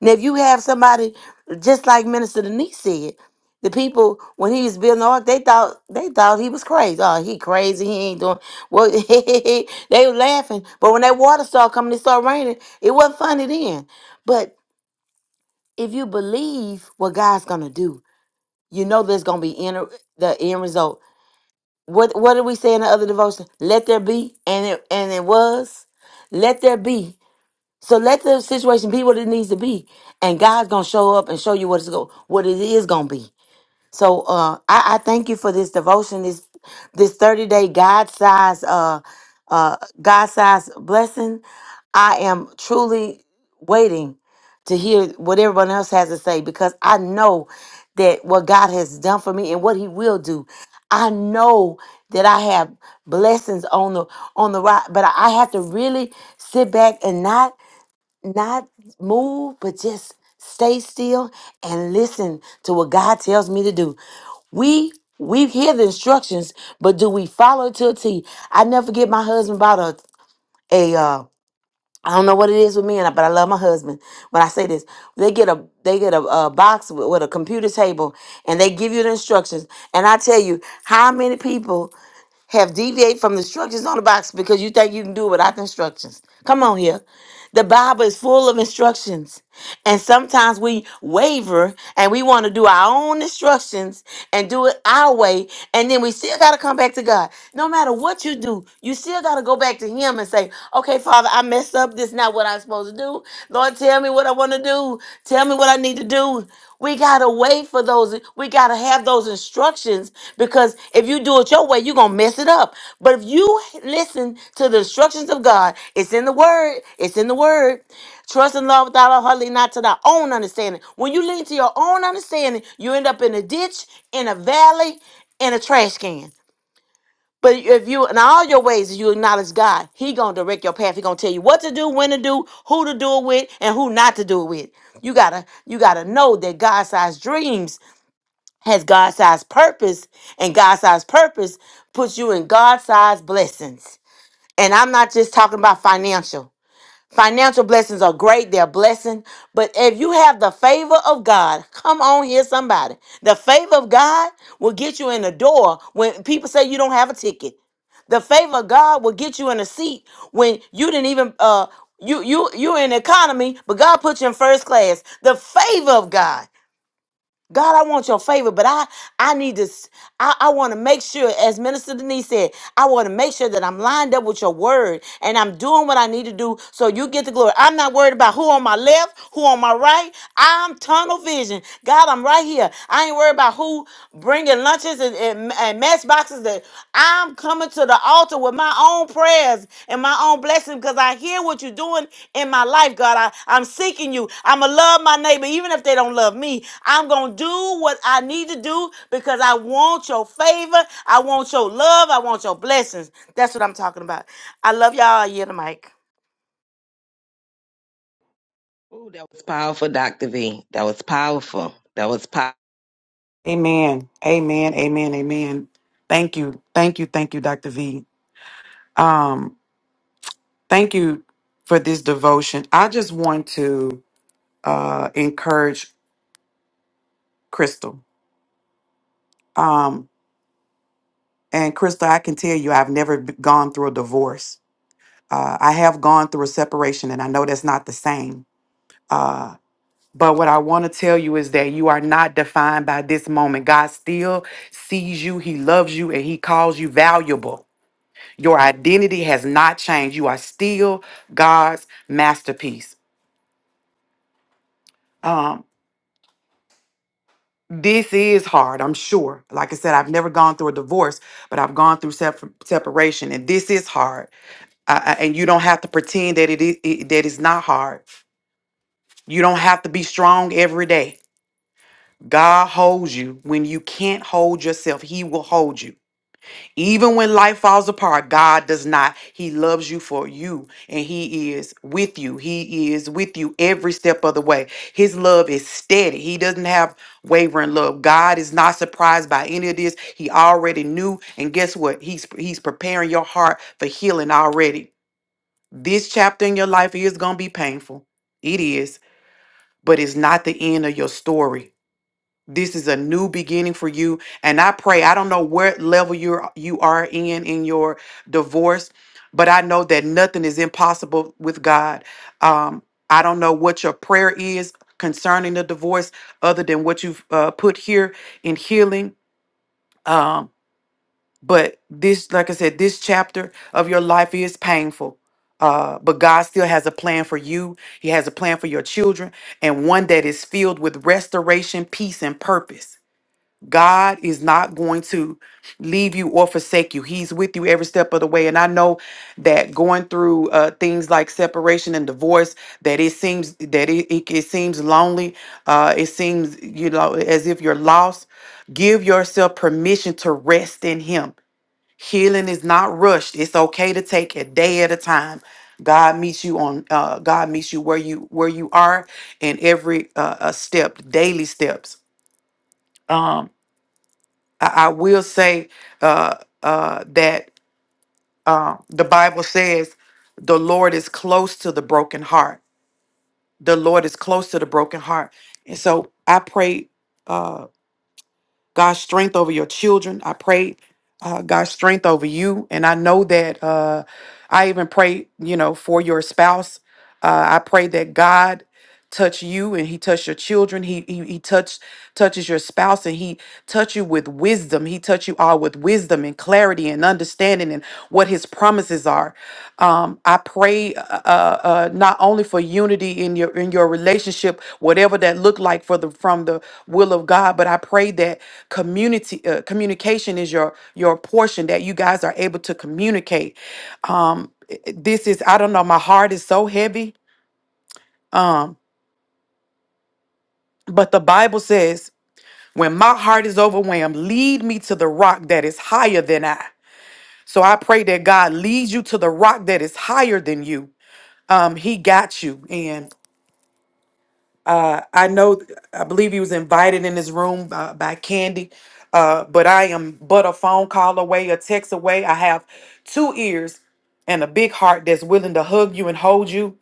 now, if you have somebody just like Minister Denise said, the people when he was building the ark, they thought they thought he was crazy. Oh, he crazy. He ain't doing well. they were laughing, but when that water started coming, it started raining. It wasn't funny then. But if you believe what God's gonna do, you know there's gonna be inner the end result. What what did we say in the other devotion? Let there be, and it and it was. Let there be, so let the situation be what it needs to be, and God's gonna show up and show you what it's go what it is gonna be. So uh, I, I thank you for this devotion, this this thirty day God size uh uh God size blessing. I am truly waiting to hear what everyone else has to say because I know that what God has done for me and what He will do. I know that I have blessings on the on the right, but I have to really sit back and not not move, but just stay still and listen to what God tells me to do. We we hear the instructions, but do we follow to a T? I never forget my husband bought a a uh I don't know what it is with men, but I love my husband. When I say this, they get a they get a, a box with, with a computer table, and they give you the instructions. And I tell you, how many people? have deviated from the instructions on the box because you think you can do it without the instructions. Come on here. The Bible is full of instructions. And sometimes we waver and we want to do our own instructions and do it our way. And then we still got to come back to God. No matter what you do, you still got to go back to Him and say, okay, Father, I messed up. This is not what I'm supposed to do. Lord, tell me what I want to do. Tell me what I need to do. We got to wait for those. We got to have those instructions because if you do it your way, you're going to mess it up. But if you listen to the instructions of God, it's in the Word. It's in the Word. Trust in love without all her, not to thy own understanding. When you lean to your own understanding, you end up in a ditch, in a valley, in a trash can. But if you in all your ways you acknowledge God, He gonna direct your path. He gonna tell you what to do, when to do, who to do it with, and who not to do it with. You gotta you gotta know that God-sized dreams has God-sized purpose, and God-sized purpose puts you in God-sized blessings. And I'm not just talking about financial. Financial blessings are great, they're a blessing. But if you have the favor of God, come on here, somebody. The favor of God will get you in the door when people say you don't have a ticket. The favor of God will get you in a seat when you didn't even uh you you you're in economy, but God put you in first class. The favor of God. God, I want your favor, but I I need to s- I, I want to make sure, as Minister Denise said, I want to make sure that I'm lined up with your word and I'm doing what I need to do so you get the glory. I'm not worried about who on my left, who on my right. I'm tunnel vision. God, I'm right here. I ain't worried about who bringing lunches and, and, and matchboxes. I'm coming to the altar with my own prayers and my own blessing because I hear what you're doing in my life, God. I, I'm seeking you. I'm going to love my neighbor, even if they don't love me. I'm going to do what I need to do because I want your favor. I want your love. I want your blessings. That's what I'm talking about. I love y'all. I yield the mic. Ooh, that was powerful, Dr. V. That was powerful. That was powerful. Amen. Amen. Amen. Amen. Thank you. Thank you. Thank you, Dr. V. Um, thank you for this devotion. I just want to uh encourage Crystal. Um, and Crystal, I can tell you I've never b- gone through a divorce. Uh, I have gone through a separation, and I know that's not the same. But what I want to tell you is that you are not defined by this moment. God still sees you, He loves you, and He calls you valuable. Your identity has not changed. You are still God's masterpiece. Um, this is hard, I'm sure. Like I said, I've never gone through a divorce, but I've gone through sep- separation, and this is hard. Uh, uh, and you don't have to pretend that it is it, that it's not hard. You don't have to be strong every day. God holds you when you can't hold yourself. He will hold you. Even when life falls apart, God does not. He loves you for you and He is with you. He is with you every step of the way. His love is steady. He doesn't have wavering love. God is not surprised by any of this. He already knew. And guess what? He's He's preparing your heart for healing already. This chapter in your life is going to be painful. It is, but it's not the end of your story this is a new beginning for you and i pray i don't know what level you're you are in in your divorce but i know that nothing is impossible with god um i don't know what your prayer is concerning the divorce other than what you've uh, put here in healing um but this like i said this chapter of your life is painful uh, but God still has a plan for you. He has a plan for your children, and one that is filled with restoration, peace, and purpose. God is not going to leave you or forsake you. He's with you every step of the way. And I know that going through uh, things like separation and divorce, that it seems that it, it, it seems lonely. Uh, it seems you know as if you're lost. Give yourself permission to rest in Him. Healing is not rushed. It's okay to take a day at a time. God meets you on. Uh, God meets you where you where you are in every uh, uh, step, daily steps. Um, I, I will say uh, uh, that uh, the Bible says the Lord is close to the broken heart. The Lord is close to the broken heart. And so I pray uh, God's strength over your children. I pray uh, God's strength over you. And I know that uh, I even pray, you know, for your spouse. Uh, I pray that God touch you and he touched your children he he, he touch touches your spouse and he touch you with wisdom he touch you all with wisdom and clarity and understanding and what his promises are um i pray uh, uh uh, not only for unity in your in your relationship whatever that look like for the from the will of god but i pray that community uh, communication is your your portion that you guys are able to communicate um i- i- this is i don't know my heart is so heavy um but the Bible says, when my heart is overwhelmed, lead me to the rock that is higher than I. So I pray that God leads you to the rock that is higher than you. Um, he got you. And uh, I know, I believe he was invited in this room uh, by Candy, uh, but I am but a phone call away, a text away. I have two ears and a big heart that's willing to hug you and hold you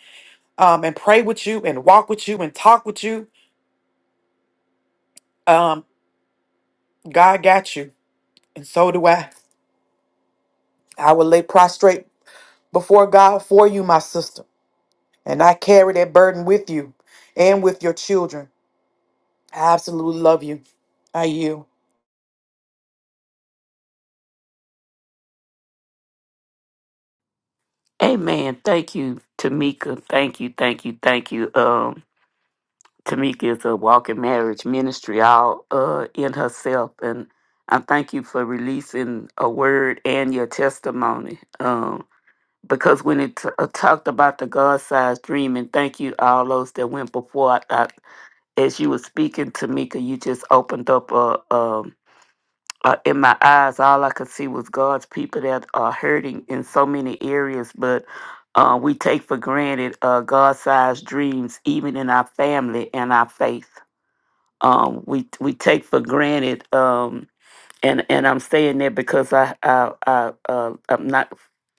um, and pray with you and walk with you and talk with you. Um, God got you, and so do I. I will lay prostrate before God for you, my sister, and I carry that burden with you and with your children. I absolutely love you. I you, Amen. Thank you, Tamika. Thank you, thank you, thank you. Um, Tamika is a walking marriage ministry all uh in herself, and I thank you for releasing a word and your testimony. Um. because when it t- uh, talked about the God-sized dream, and thank you all those that went before. I, I, as you were speaking, Tamika, you just opened up a. um uh, in my eyes, all I could see was God's people that are hurting in so many areas, but uh, we take for granted uh, God-sized dreams, even in our family and our faith. Um, we we take for granted. Um, and and I'm saying that because I I, I uh, I'm not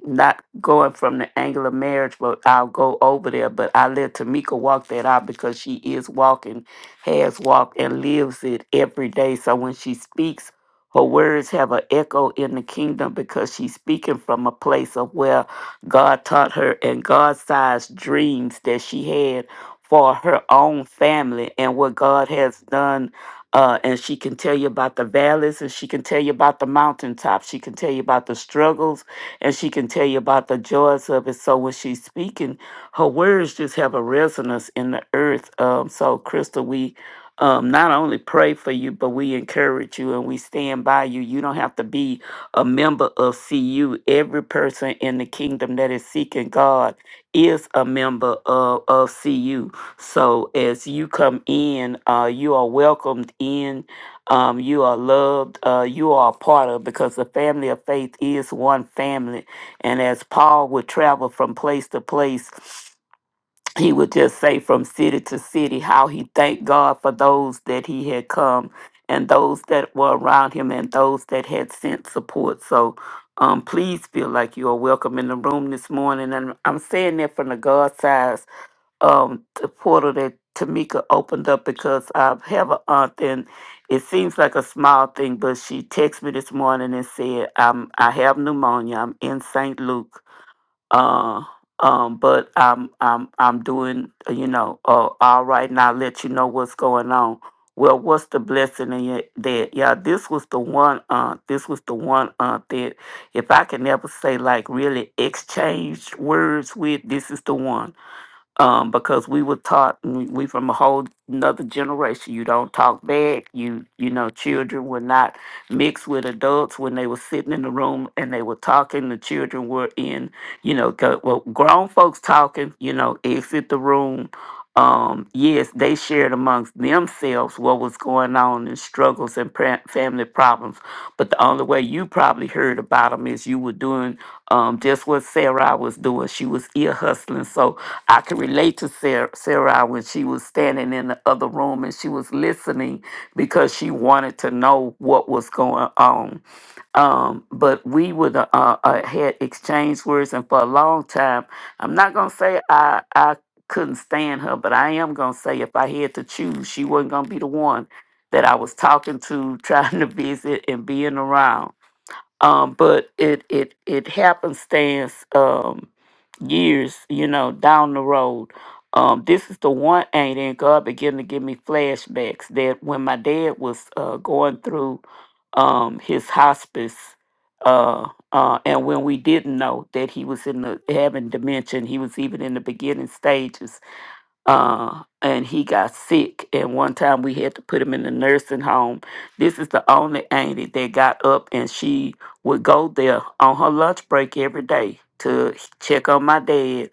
not going from the angle of marriage, but I'll go over there. But I let Tamika walk that out because she is walking, has walked, and lives it every day. So when she speaks, her words have an echo in the kingdom because she's speaking from a place of where God taught her and God-sized dreams that she had for her own family and what God has done uh, and she can tell you about the valleys and she can tell you about the mountaintops she can tell you about the struggles and she can tell you about the joys of it so when she's speaking her words just have a resonance in the earth um, so crystal we um, not only pray for you but we encourage you and we stand by you you don't have to be a member of cu every person in the kingdom that is seeking god is a member of, of cu so as you come in, uh, you are welcomed in. Um, you are loved. Uh, you are a part of because the family of faith is one family. And as Paul would travel from place to place, he would just say from city to city how he thanked God for those that he had come and those that were around him and those that had sent support. So um, please feel like you are welcome in the room this morning. And I'm saying that from the God side um the portal that Tamika opened up because I have an aunt and it seems like a small thing, but she texted me this morning and said, I'm I have pneumonia. I'm in St. Luke. Uh um, but I'm I'm I'm doing uh, you know uh, all right, and I'll let you know what's going on. Well, what's the blessing in it that? Yeah, this was the one aunt. This was the one aunt that, if I can ever say like really exchange words with, this is the one um, because we were taught mm, we from a whole another generation. You don't talk back. You you know, children were not mixed with adults when they were sitting in the room and they were talking. The children were in you know, go, well, grown folks talking, you know, exit the room. Um, yes, they shared amongst themselves what was going on and struggles and pra- family problems. But the only way you probably heard about them is you were doing um, just what Sarah was doing. She was ear hustling. So I can relate to Sarah, Sarah when she was standing in the other room and she was listening because she wanted to know what was going on um, but we would uh, uh, uh, had exchanged words, and for a long time, I'm not gonna say I I couldn't stand her, but I am gonna say if I had to choose, she wasn't gonna be the one that I was talking to, trying to visit and being around um, but it it it happenstance um, years you know down the road. Um, this is the one ain't and God began to give me flashbacks that when my dad was uh, going through um, his hospice, uh, uh, and when we didn't know that he was in the having dementia, and he was even in the beginning stages uh, and he got sick. And one time we had to put him in a nursing home. This is the only auntie that got up, and she would go there on her lunch break every day to check on my dad.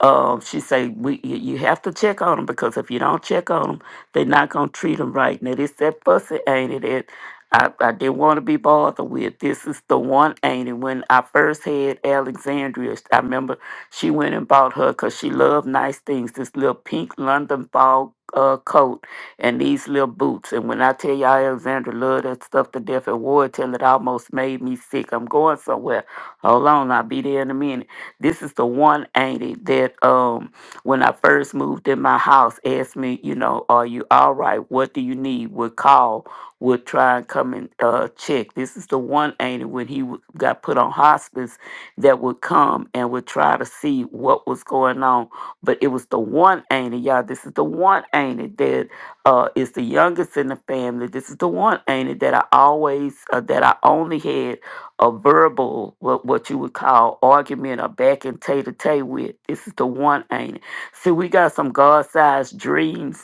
Um, she say we you you have to check on him because if you don't check on him, they're not gonna treat him right. Now this that fussy auntie that I, I didn't want to be bothered with. This is the one auntie when I first had Alexandria. I remember she went and bought her because she loved nice things. This little pink London fog uh, coat and these little boots. And when I tell you all Alexandra loved that stuff to death and wore it till it almost made me sick. I'm going somewhere. Hold on, I'll be there in a minute. This is the one auntie that um when I first moved in my house asked me, you know, are you all right? What do you need? Would call, would try and come and uh check. This is the one auntie when he w- got put on hospice that would come and would try to see what was going on. But it was the one ain't it, y'all. This is the one ain't it that uh, is the youngest in the family. This is the one ain't it that I always uh, that I only had a verbal what what you would call argument or back and tay to tay with. This is the one ain't it. See, we got some God sized dreams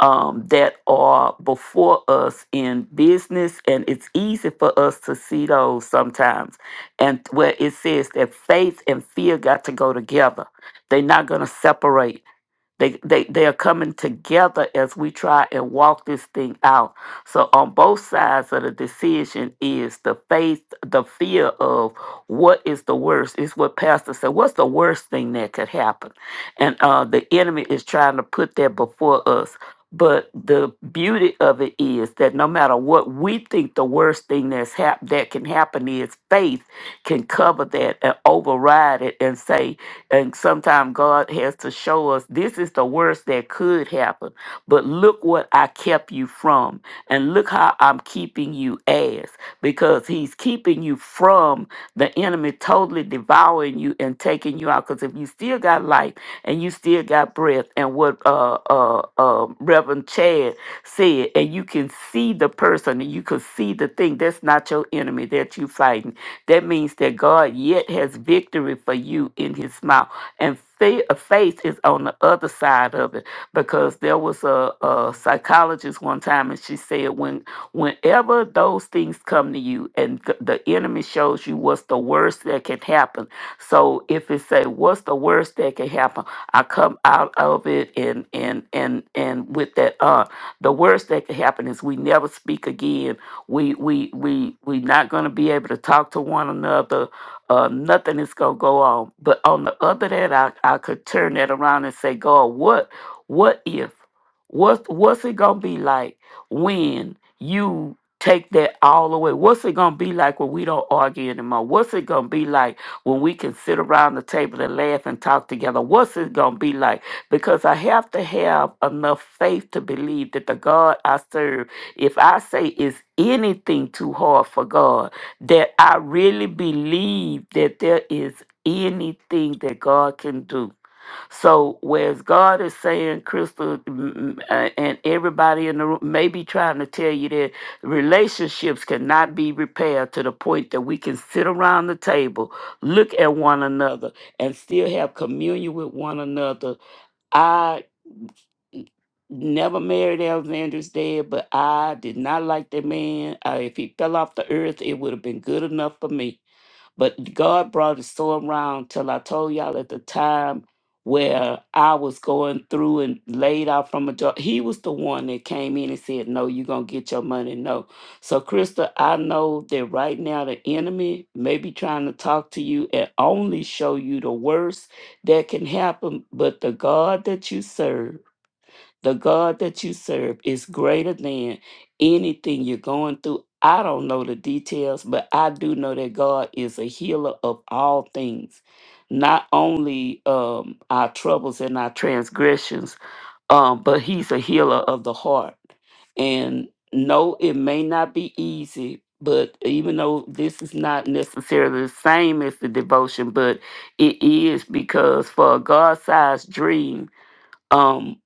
um, that are before us in business, and it's easy for us to see those sometimes. And where it says that faith and fear got to go together, they're not going to separate. They, they, they are coming together as we try and walk this thing out. So on both sides of the decision is the faith, the fear of what is the worst. Is what Pastor said. What's the worst thing that could happen? And uh, the enemy is trying to put that before us. But the beauty of it is that no matter what we think the worst thing that's hap- that can happen is, faith can cover that and override it and say, and sometimes God has to show us this is the worst that could happen, but look what I kept you from, and look how I'm keeping you as, because He's keeping you from the enemy totally devouring you and taking you out. Because if you still got life and you still got breath, and what uh, uh, uh, Reverend Chad said, and you can see the person and you can see the thing, that's not your enemy that you fighting that means that God yet has victory for you in his mouth. And fa- uh, faith is on the other side of it because there was a, a psychologist one time and she said when whenever those things come to you and th- the enemy shows you what's the worst that can happen so if it say what's the worst that can happen i come out of it and and and and with that uh the worst that can happen is we never speak again we we we we not gonna be able to talk to one another. Uh, nothing is gonna go on. But on the other hand, I I could turn that around and say, God, what what if? What's what's it gonna be like when you take that all away? What's it gonna be like when we don't argue anymore? What's it gonna be like when we can sit around the table and laugh and talk together? What's it gonna be like? Because I have to have enough faith to believe that the God I serve if I say it's anything too hard for God, that I really believe that there is anything that God can do. So, whereas God is saying, Crystal, mm, mm, uh, and everybody in the room may be trying to tell you that relationships cannot be repaired to the point that we can sit around the table, look at one another, and still have communion with one another never married Alexander's dad, but I did not like that man. Uh, if he fell off the earth, it would have been good enough for me. But God brought it so around till I told y'all at the time where I was going through and laid out from a job. He was the one that came in and said, No, you're going to get your money. No. So, Krista, I know that right now the enemy may be trying to talk to you and only show you the worst that can happen. But the God that you serve, the God that you serve is greater than anything you're going through. I don't know the details, but I do know that God is a healer of all things, not only um, our troubles and our transgressions, um, but He's a healer of the heart. And no, it may not be easy, but even though this is not necessarily the same as the devotion, but it is because for a God sized dream. um,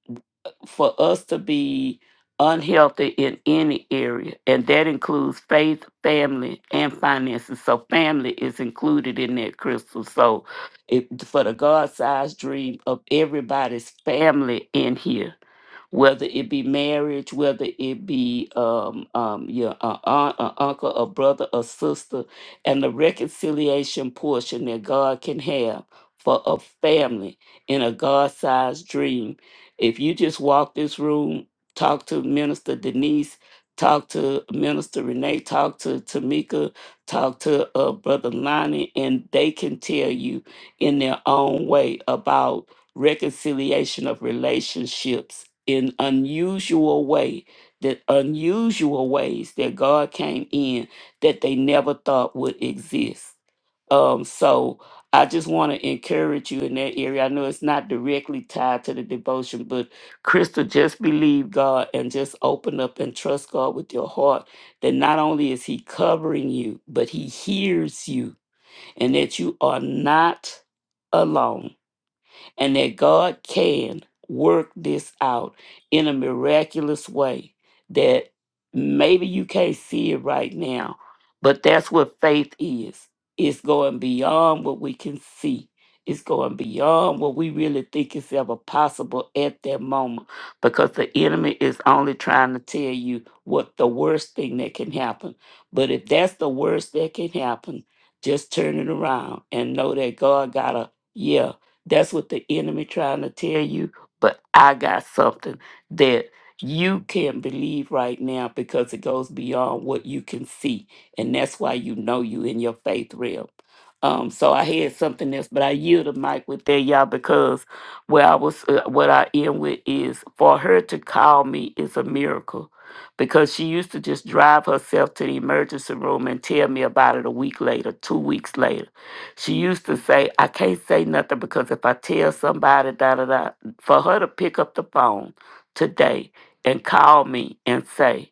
for us to be unhealthy in any area, and that includes faith, family, and finances. So, family is included in that, Crystal. So, it, for the God sized dream of everybody's family in here whether it be marriage, whether it be um, um, your uh, aunt, or uncle, or brother, or sister, and the reconciliation portion that God can have for a family in a God-sized dream. If you just walk this room, talk to Minister Denise, talk to Minister Renee, talk to Tamika, talk to uh, Brother Lonnie, and they can tell you in their own way about reconciliation of relationships in unusual way that unusual ways that God came in that they never thought would exist. Um, so I just want to encourage you in that area. I know it's not directly tied to the devotion, but Crystal, just believe God and just open up and trust God with your heart that not only is He covering you, but He hears you and that you are not alone and that God can work this out in a miraculous way that maybe you can't see it right now, but that's what faith is. It's going beyond what we can see. It's going beyond what we really think is ever possible at that moment because the enemy is only trying to tell you what the worst thing that can happen. But if that's the worst that can happen, just turn it around and know that God got a yeah that's what the enemy trying to tell you. But I got something that you can believe right now because it goes beyond what you can see. And that's why you know you in your faith realm. Um, so I had something else, but I yield the mic with that, y'all, because where I was, uh, what I end with is for her to call me is a miracle because she used to just drive herself to the emergency room and tell me about it a week later, two weeks later. She used to say, I can't say nothing because if I tell somebody, da da da, for her to pick up the phone today and call me and say,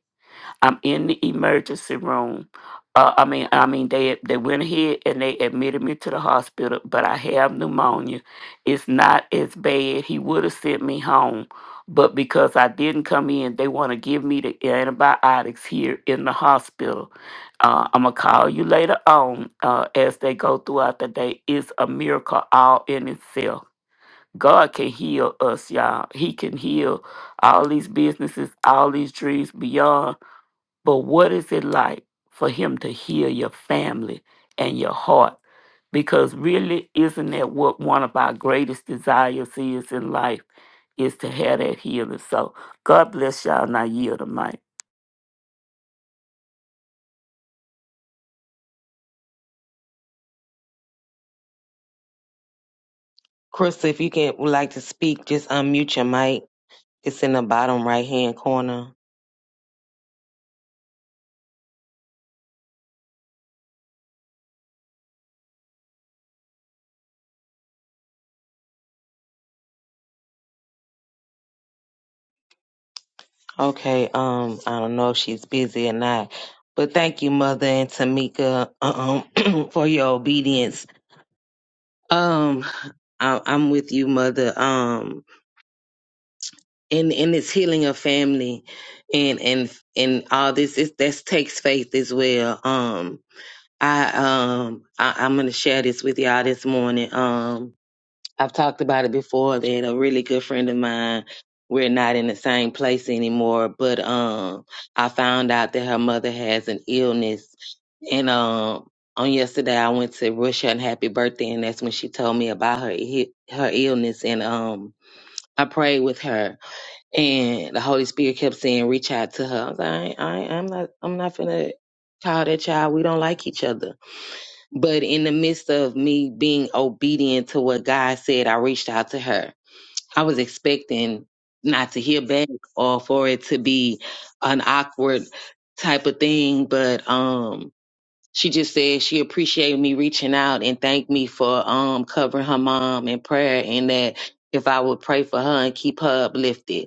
I'm in the emergency room. Uh, I mean, I mean, they they went ahead and they admitted me to the hospital, but I have pneumonia. It's not as bad. He would have sent me home, but because I didn't come in, they want to give me the antibiotics here in the hospital. Uh, I'm gonna call you later on uh, as they go throughout the day. It's a miracle all in itself. God can heal us, y'all. He can heal all these businesses, all these dreams beyond. But what is it like for him to heal your family and your heart? Because really, isn't that what one of our greatest desires is in life? Is to have that healing. So God bless y'all. and I yield the mic. Crystal, if you can would like to speak, just unmute your mic. It's in the bottom right hand corner. Okay, um, I don't know if she's busy or not. But thank you, Mother and Tamika, um, for your obedience Um, I, I'm with you, mother. Um, and and it's healing a family, and and and all this. It that takes faith as well. Um, I um I, I'm gonna share this with y'all this morning. Um, I've talked about it before that a really good friend of mine, we're not in the same place anymore, but um I found out that her mother has an illness and um on yesterday I went to wish her a happy birthday and that's when she told me about her i- her illness and um I prayed with her and the Holy Spirit kept saying reach out to her. I was like, I, ain't- I ain't- I'm not I'm not finna call that child we don't like each other but in the midst of me being obedient to what God said, I reached out to her. I was expecting not to hear back or for it to be an awkward type of thing, but um she just said she appreciated me reaching out and thanked me for um covering her mom in prayer and that if I would pray for her and keep her uplifted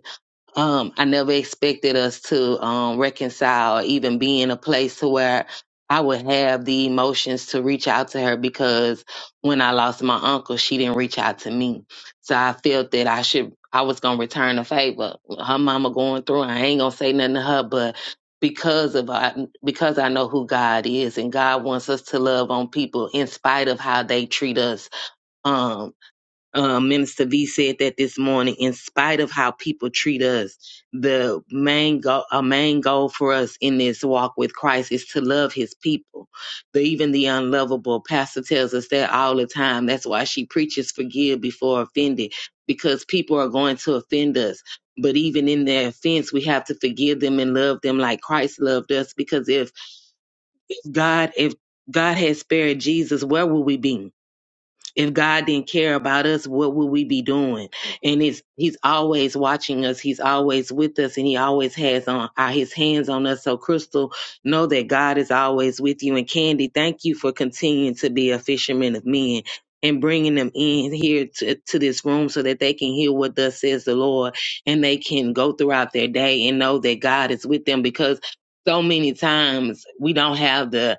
um, I never expected us to um, reconcile, or even be in a place to where I would have the emotions to reach out to her because when I lost my uncle, she didn't reach out to me. So I felt that I should, I was gonna return a favor. Her mama going through, I ain't gonna say nothing to her, but because of I, because I know who God is and God wants us to love on people in spite of how they treat us. Um, um, Minister V said that this morning. In spite of how people treat us, the main goal, a main goal for us in this walk with Christ is to love His people, the, even the unlovable. Pastor tells us that all the time. That's why she preaches forgive before offended, because people are going to offend us. But even in their offense, we have to forgive them and love them like Christ loved us. Because if God, if God had spared Jesus, where would we be? If God didn't care about us, what would we be doing? And it's He's always watching us. He's always with us, and He always has on uh, His hands on us. So, Crystal, know that God is always with you. And Candy, thank you for continuing to be a fisherman of men. And bringing them in here to, to this room so that they can hear what thus says the Lord and they can go throughout their day and know that God is with them because so many times we don't have the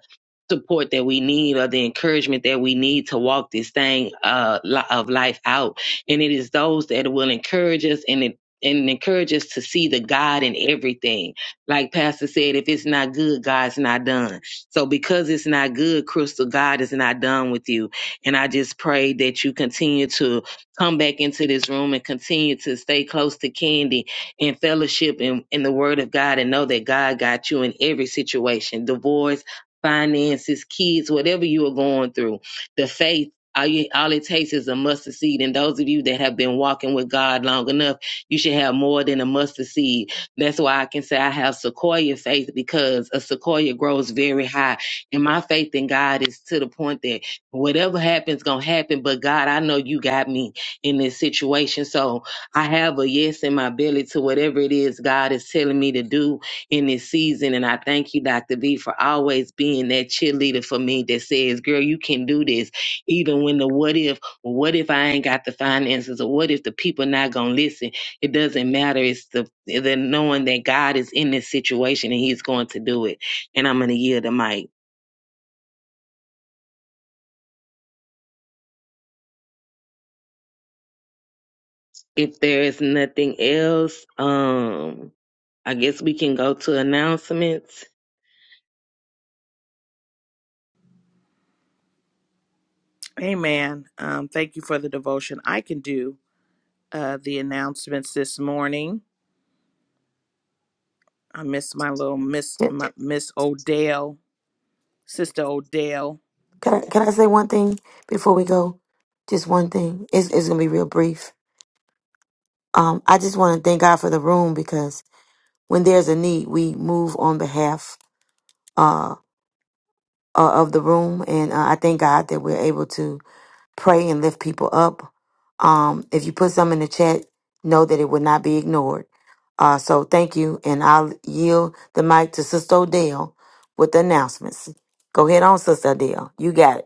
support that we need or the encouragement that we need to walk this thing uh, li- of life out. And it is those that will encourage us and it and encourage us to see the God in everything. Like Pastor said, if it's not good, God's not done. So because it's not good, Crystal, God is not done with you. And I just pray that you continue to come back into this room and continue to stay close to Candy and fellowship in, in the word of God and know that God got you in every situation, divorce finances, kids, whatever you are going through, the faith. All, you, all it takes is a mustard seed. And those of you that have been walking with God long enough, you should have more than a mustard seed. That's why I can say I have sequoia faith because a sequoia grows very high. And my faith in God is to the point that whatever happens, going to happen. But God, I know you got me in this situation. So I have a yes in my belly to whatever it is God is telling me to do in this season. And I thank you, Dr. V, for always being that cheerleader for me that says, girl, you can do this. Even when the what if, what if I ain't got the finances or what if the people not going to listen? It doesn't matter. It's the, the knowing that God is in this situation and he's going to do it. And I'm going to yield the mic. If there is nothing else, um, I guess we can go to announcements. Amen. Um, thank you for the devotion. I can do uh, the announcements this morning. I miss my little Miss Can my, Miss Odell, Sister Odell. can I, can I say one thing before we go? Just one thing. It's, it's going to be real brief. Um, I just want to thank God for the room because when there's a need, we move on behalf. uh, of the room, and uh, I thank God that we're able to pray and lift people up. Um, if you put some in the chat, know that it will not be ignored. Uh, so thank you, and I'll yield the mic to Sister Odell with the announcements. Go ahead on, Sister Odell. You got it.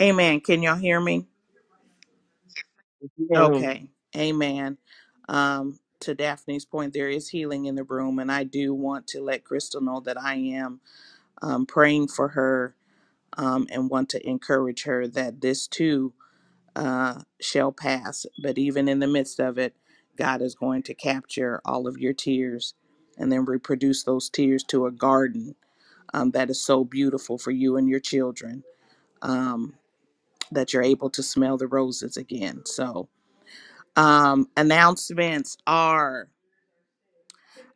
Amen. Can y'all hear me? Yeah. Okay. Amen. Um, to Daphne's point, there is healing in the room, and I do want to let Crystal know that I am um, praying for her um, and want to encourage her that this too uh, shall pass. But even in the midst of it, God is going to capture all of your tears and then reproduce those tears to a garden um, that is so beautiful for you and your children um, that you're able to smell the roses again. So, um, announcements are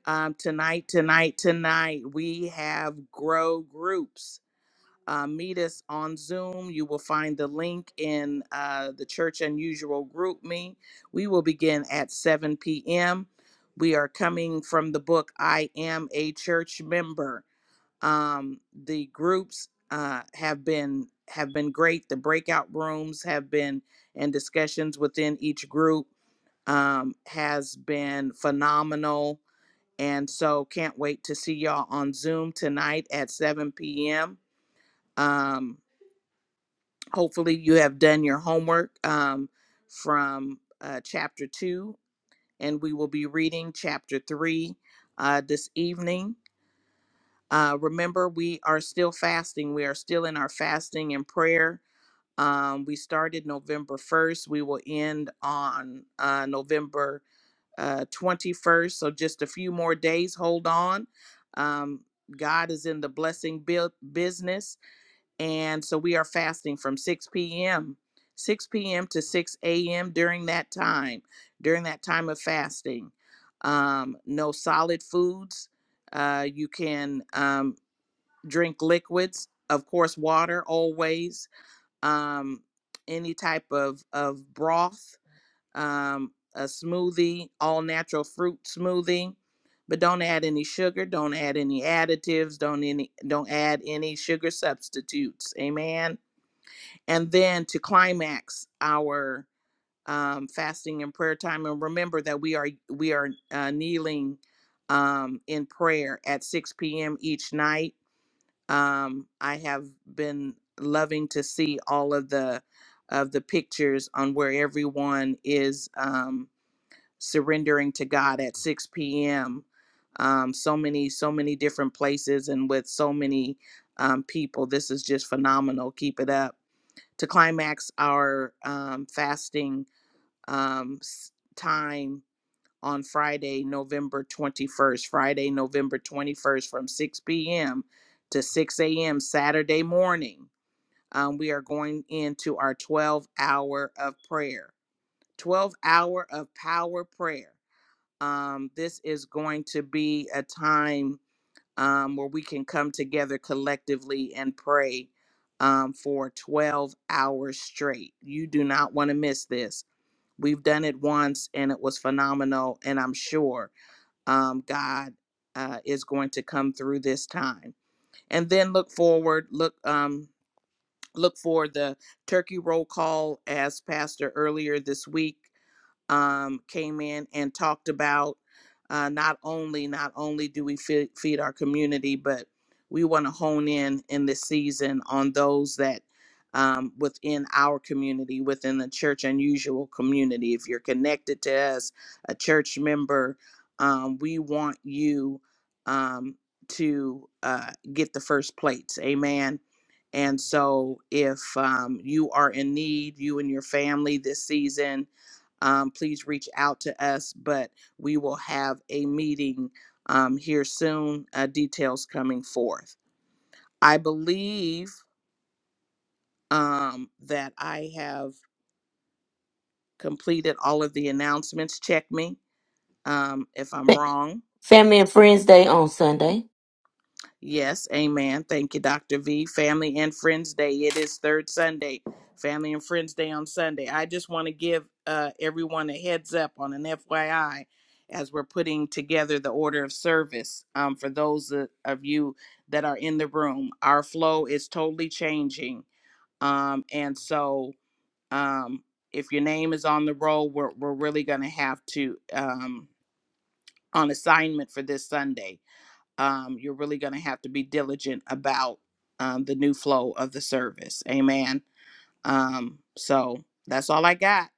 um, tonight, tonight, tonight, we have grow groups uh, meet us on Zoom. You will find the link in uh, the Church Unusual group me. We will begin at 7 p.m. We are coming from the book I Am a Church Member. Um, the groups uh, have been have been great. The breakout rooms have been and discussions within each group um, has been phenomenal. And so can't wait to see y'all on Zoom tonight at 7 p.m. Um, hopefully you have done your homework um, from uh, chapter two, and we will be reading chapter three uh, this evening. Uh, remember, we are still fasting. We are still in our fasting and prayer. Um, we started November 1st. We will end on uh, November uh, 21st. So just a few more days. Hold on. Um, God is in the blessing bu- business. And so we are fasting from 6 p.m. 6 p.m. to 6 a.m. during that time, during that time of fasting. Um, no solid foods. Uh, you can um, drink liquids, of course, water always, um, any type of, of broth, um, a smoothie, all natural fruit smoothie. But don't add any sugar. Don't add any additives. Don't any. Don't add any sugar substitutes. Amen and then to climax our um, fasting and prayer time and remember that we are we are uh, kneeling um, in prayer at 6 p.m each night um, i have been loving to see all of the of the pictures on where everyone is um, surrendering to god at 6 p.m um, so many so many different places and with so many um, people this is just phenomenal keep it up to climax our um, fasting um, time on Friday, November 21st. Friday, November 21st from 6 p.m. to 6 a.m. Saturday morning. Um, we are going into our 12 hour of prayer, 12 hour of power prayer. Um, this is going to be a time um, where we can come together collectively and pray um, for 12 hours straight. You do not want to miss this. We've done it once and it was phenomenal, and I'm sure um, God uh, is going to come through this time. And then look forward, look, um, look for the turkey roll call as pastor earlier this week um, came in and talked about uh, not only not only do we feed, feed our community, but we want to hone in in this season on those that um, within our community, within the church unusual community. If you're connected to us, a church member, um, we want you um, to uh, get the first plates. Amen. And so, if um, you are in need, you and your family this season, um, please reach out to us. But we will have a meeting um, here soon, uh, details coming forth. I believe um, that I have completed all of the announcements. Check me um, if I'm wrong. Family and Friends Day on Sunday. Yes, amen. Thank you, Dr. V. Family and Friends Day. It is third Sunday, Family and Friends Day on Sunday. I just want to give uh, everyone a heads up on an FYI as we're putting together the order of service um, for those of of you that are in the room. Our flow is totally changing. Um, and so um, if your name is on the roll, we're, we're really going to have to um, on assignment for this Sunday um, you're really going to have to be diligent about um, the new flow of the service. Amen. Um, so that's all I got.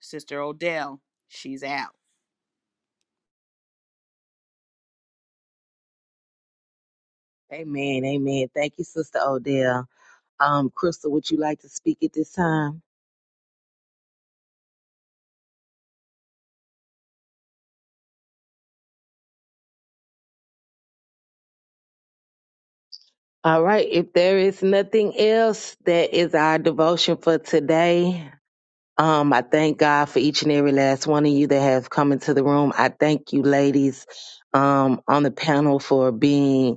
Sister Odell, she's out. Amen. Amen. Thank you, Sister Odell. Um, Crystal, would you like to speak at this time? All right. If there is nothing else, that is our devotion for today. Um, I thank God for each and every last one of you that have come into the room. I thank you, ladies, um, on the panel for being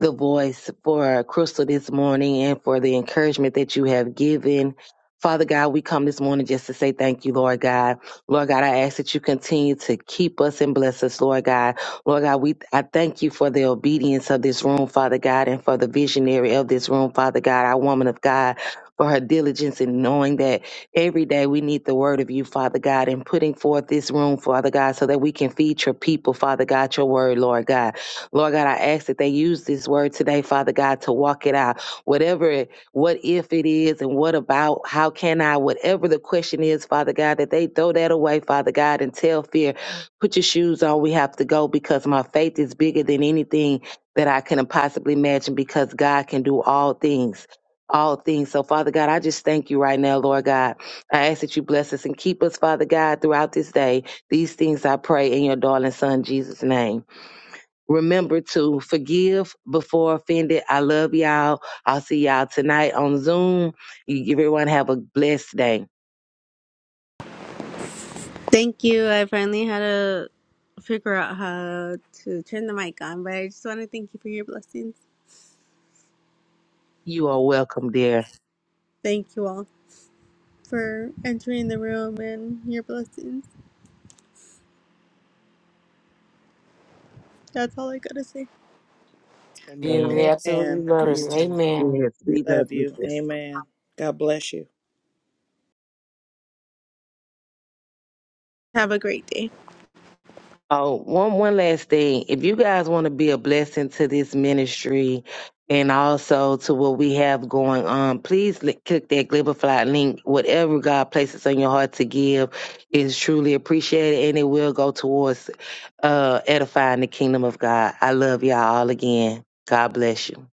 the voice for Crystal this morning and for the encouragement that you have given. Father God, we come this morning just to say thank you, Lord God. Lord God, I ask that you continue to keep us and bless us, Lord God. Lord God, we I thank you for the obedience of this room, Father God, and for the visionary of this room, Father God, our woman of God, for her diligence in knowing that every day we need the word of you, Father God, and putting forth this room, Father God, so that we can feed your people, Father God, your word, Lord God. Lord God, I ask that they use this word today, Father God, to walk it out. Whatever it, what if it is and what about, how can I, whatever the question is, Father God, that they throw that away, Father God, and tell fear, put your shoes on, we have to go because my faith is bigger than anything that I can possibly imagine because God can do all things. All things. So, Father God, I just thank you right now, Lord God. I ask that you bless us and keep us, Father God, throughout this day. These things I pray in your darling Son, Jesus' name. Remember to forgive before offended. I love y'all. I'll see y'all tonight on Zoom. You everyone have a blessed day. Thank you. I finally had to figure out how to turn the mic on, but I just want to thank you for your blessings. You are welcome, dear. Thank you all for entering the room and your blessings. That's all I gotta say. You, we Amen. absolutely Amen. love you. Christy. Amen. Yes, We we love love you. you. sis. Amen. God bless you. Have a great day. Oh, one one last thing. If you guys want to be a blessing to this ministry and also to what we have going on, please li- click that Glibberfly link. Whatever God places on your heart to give is truly appreciated and it will go towards uh, edifying the kingdom of God. I love y'all all again. God bless you.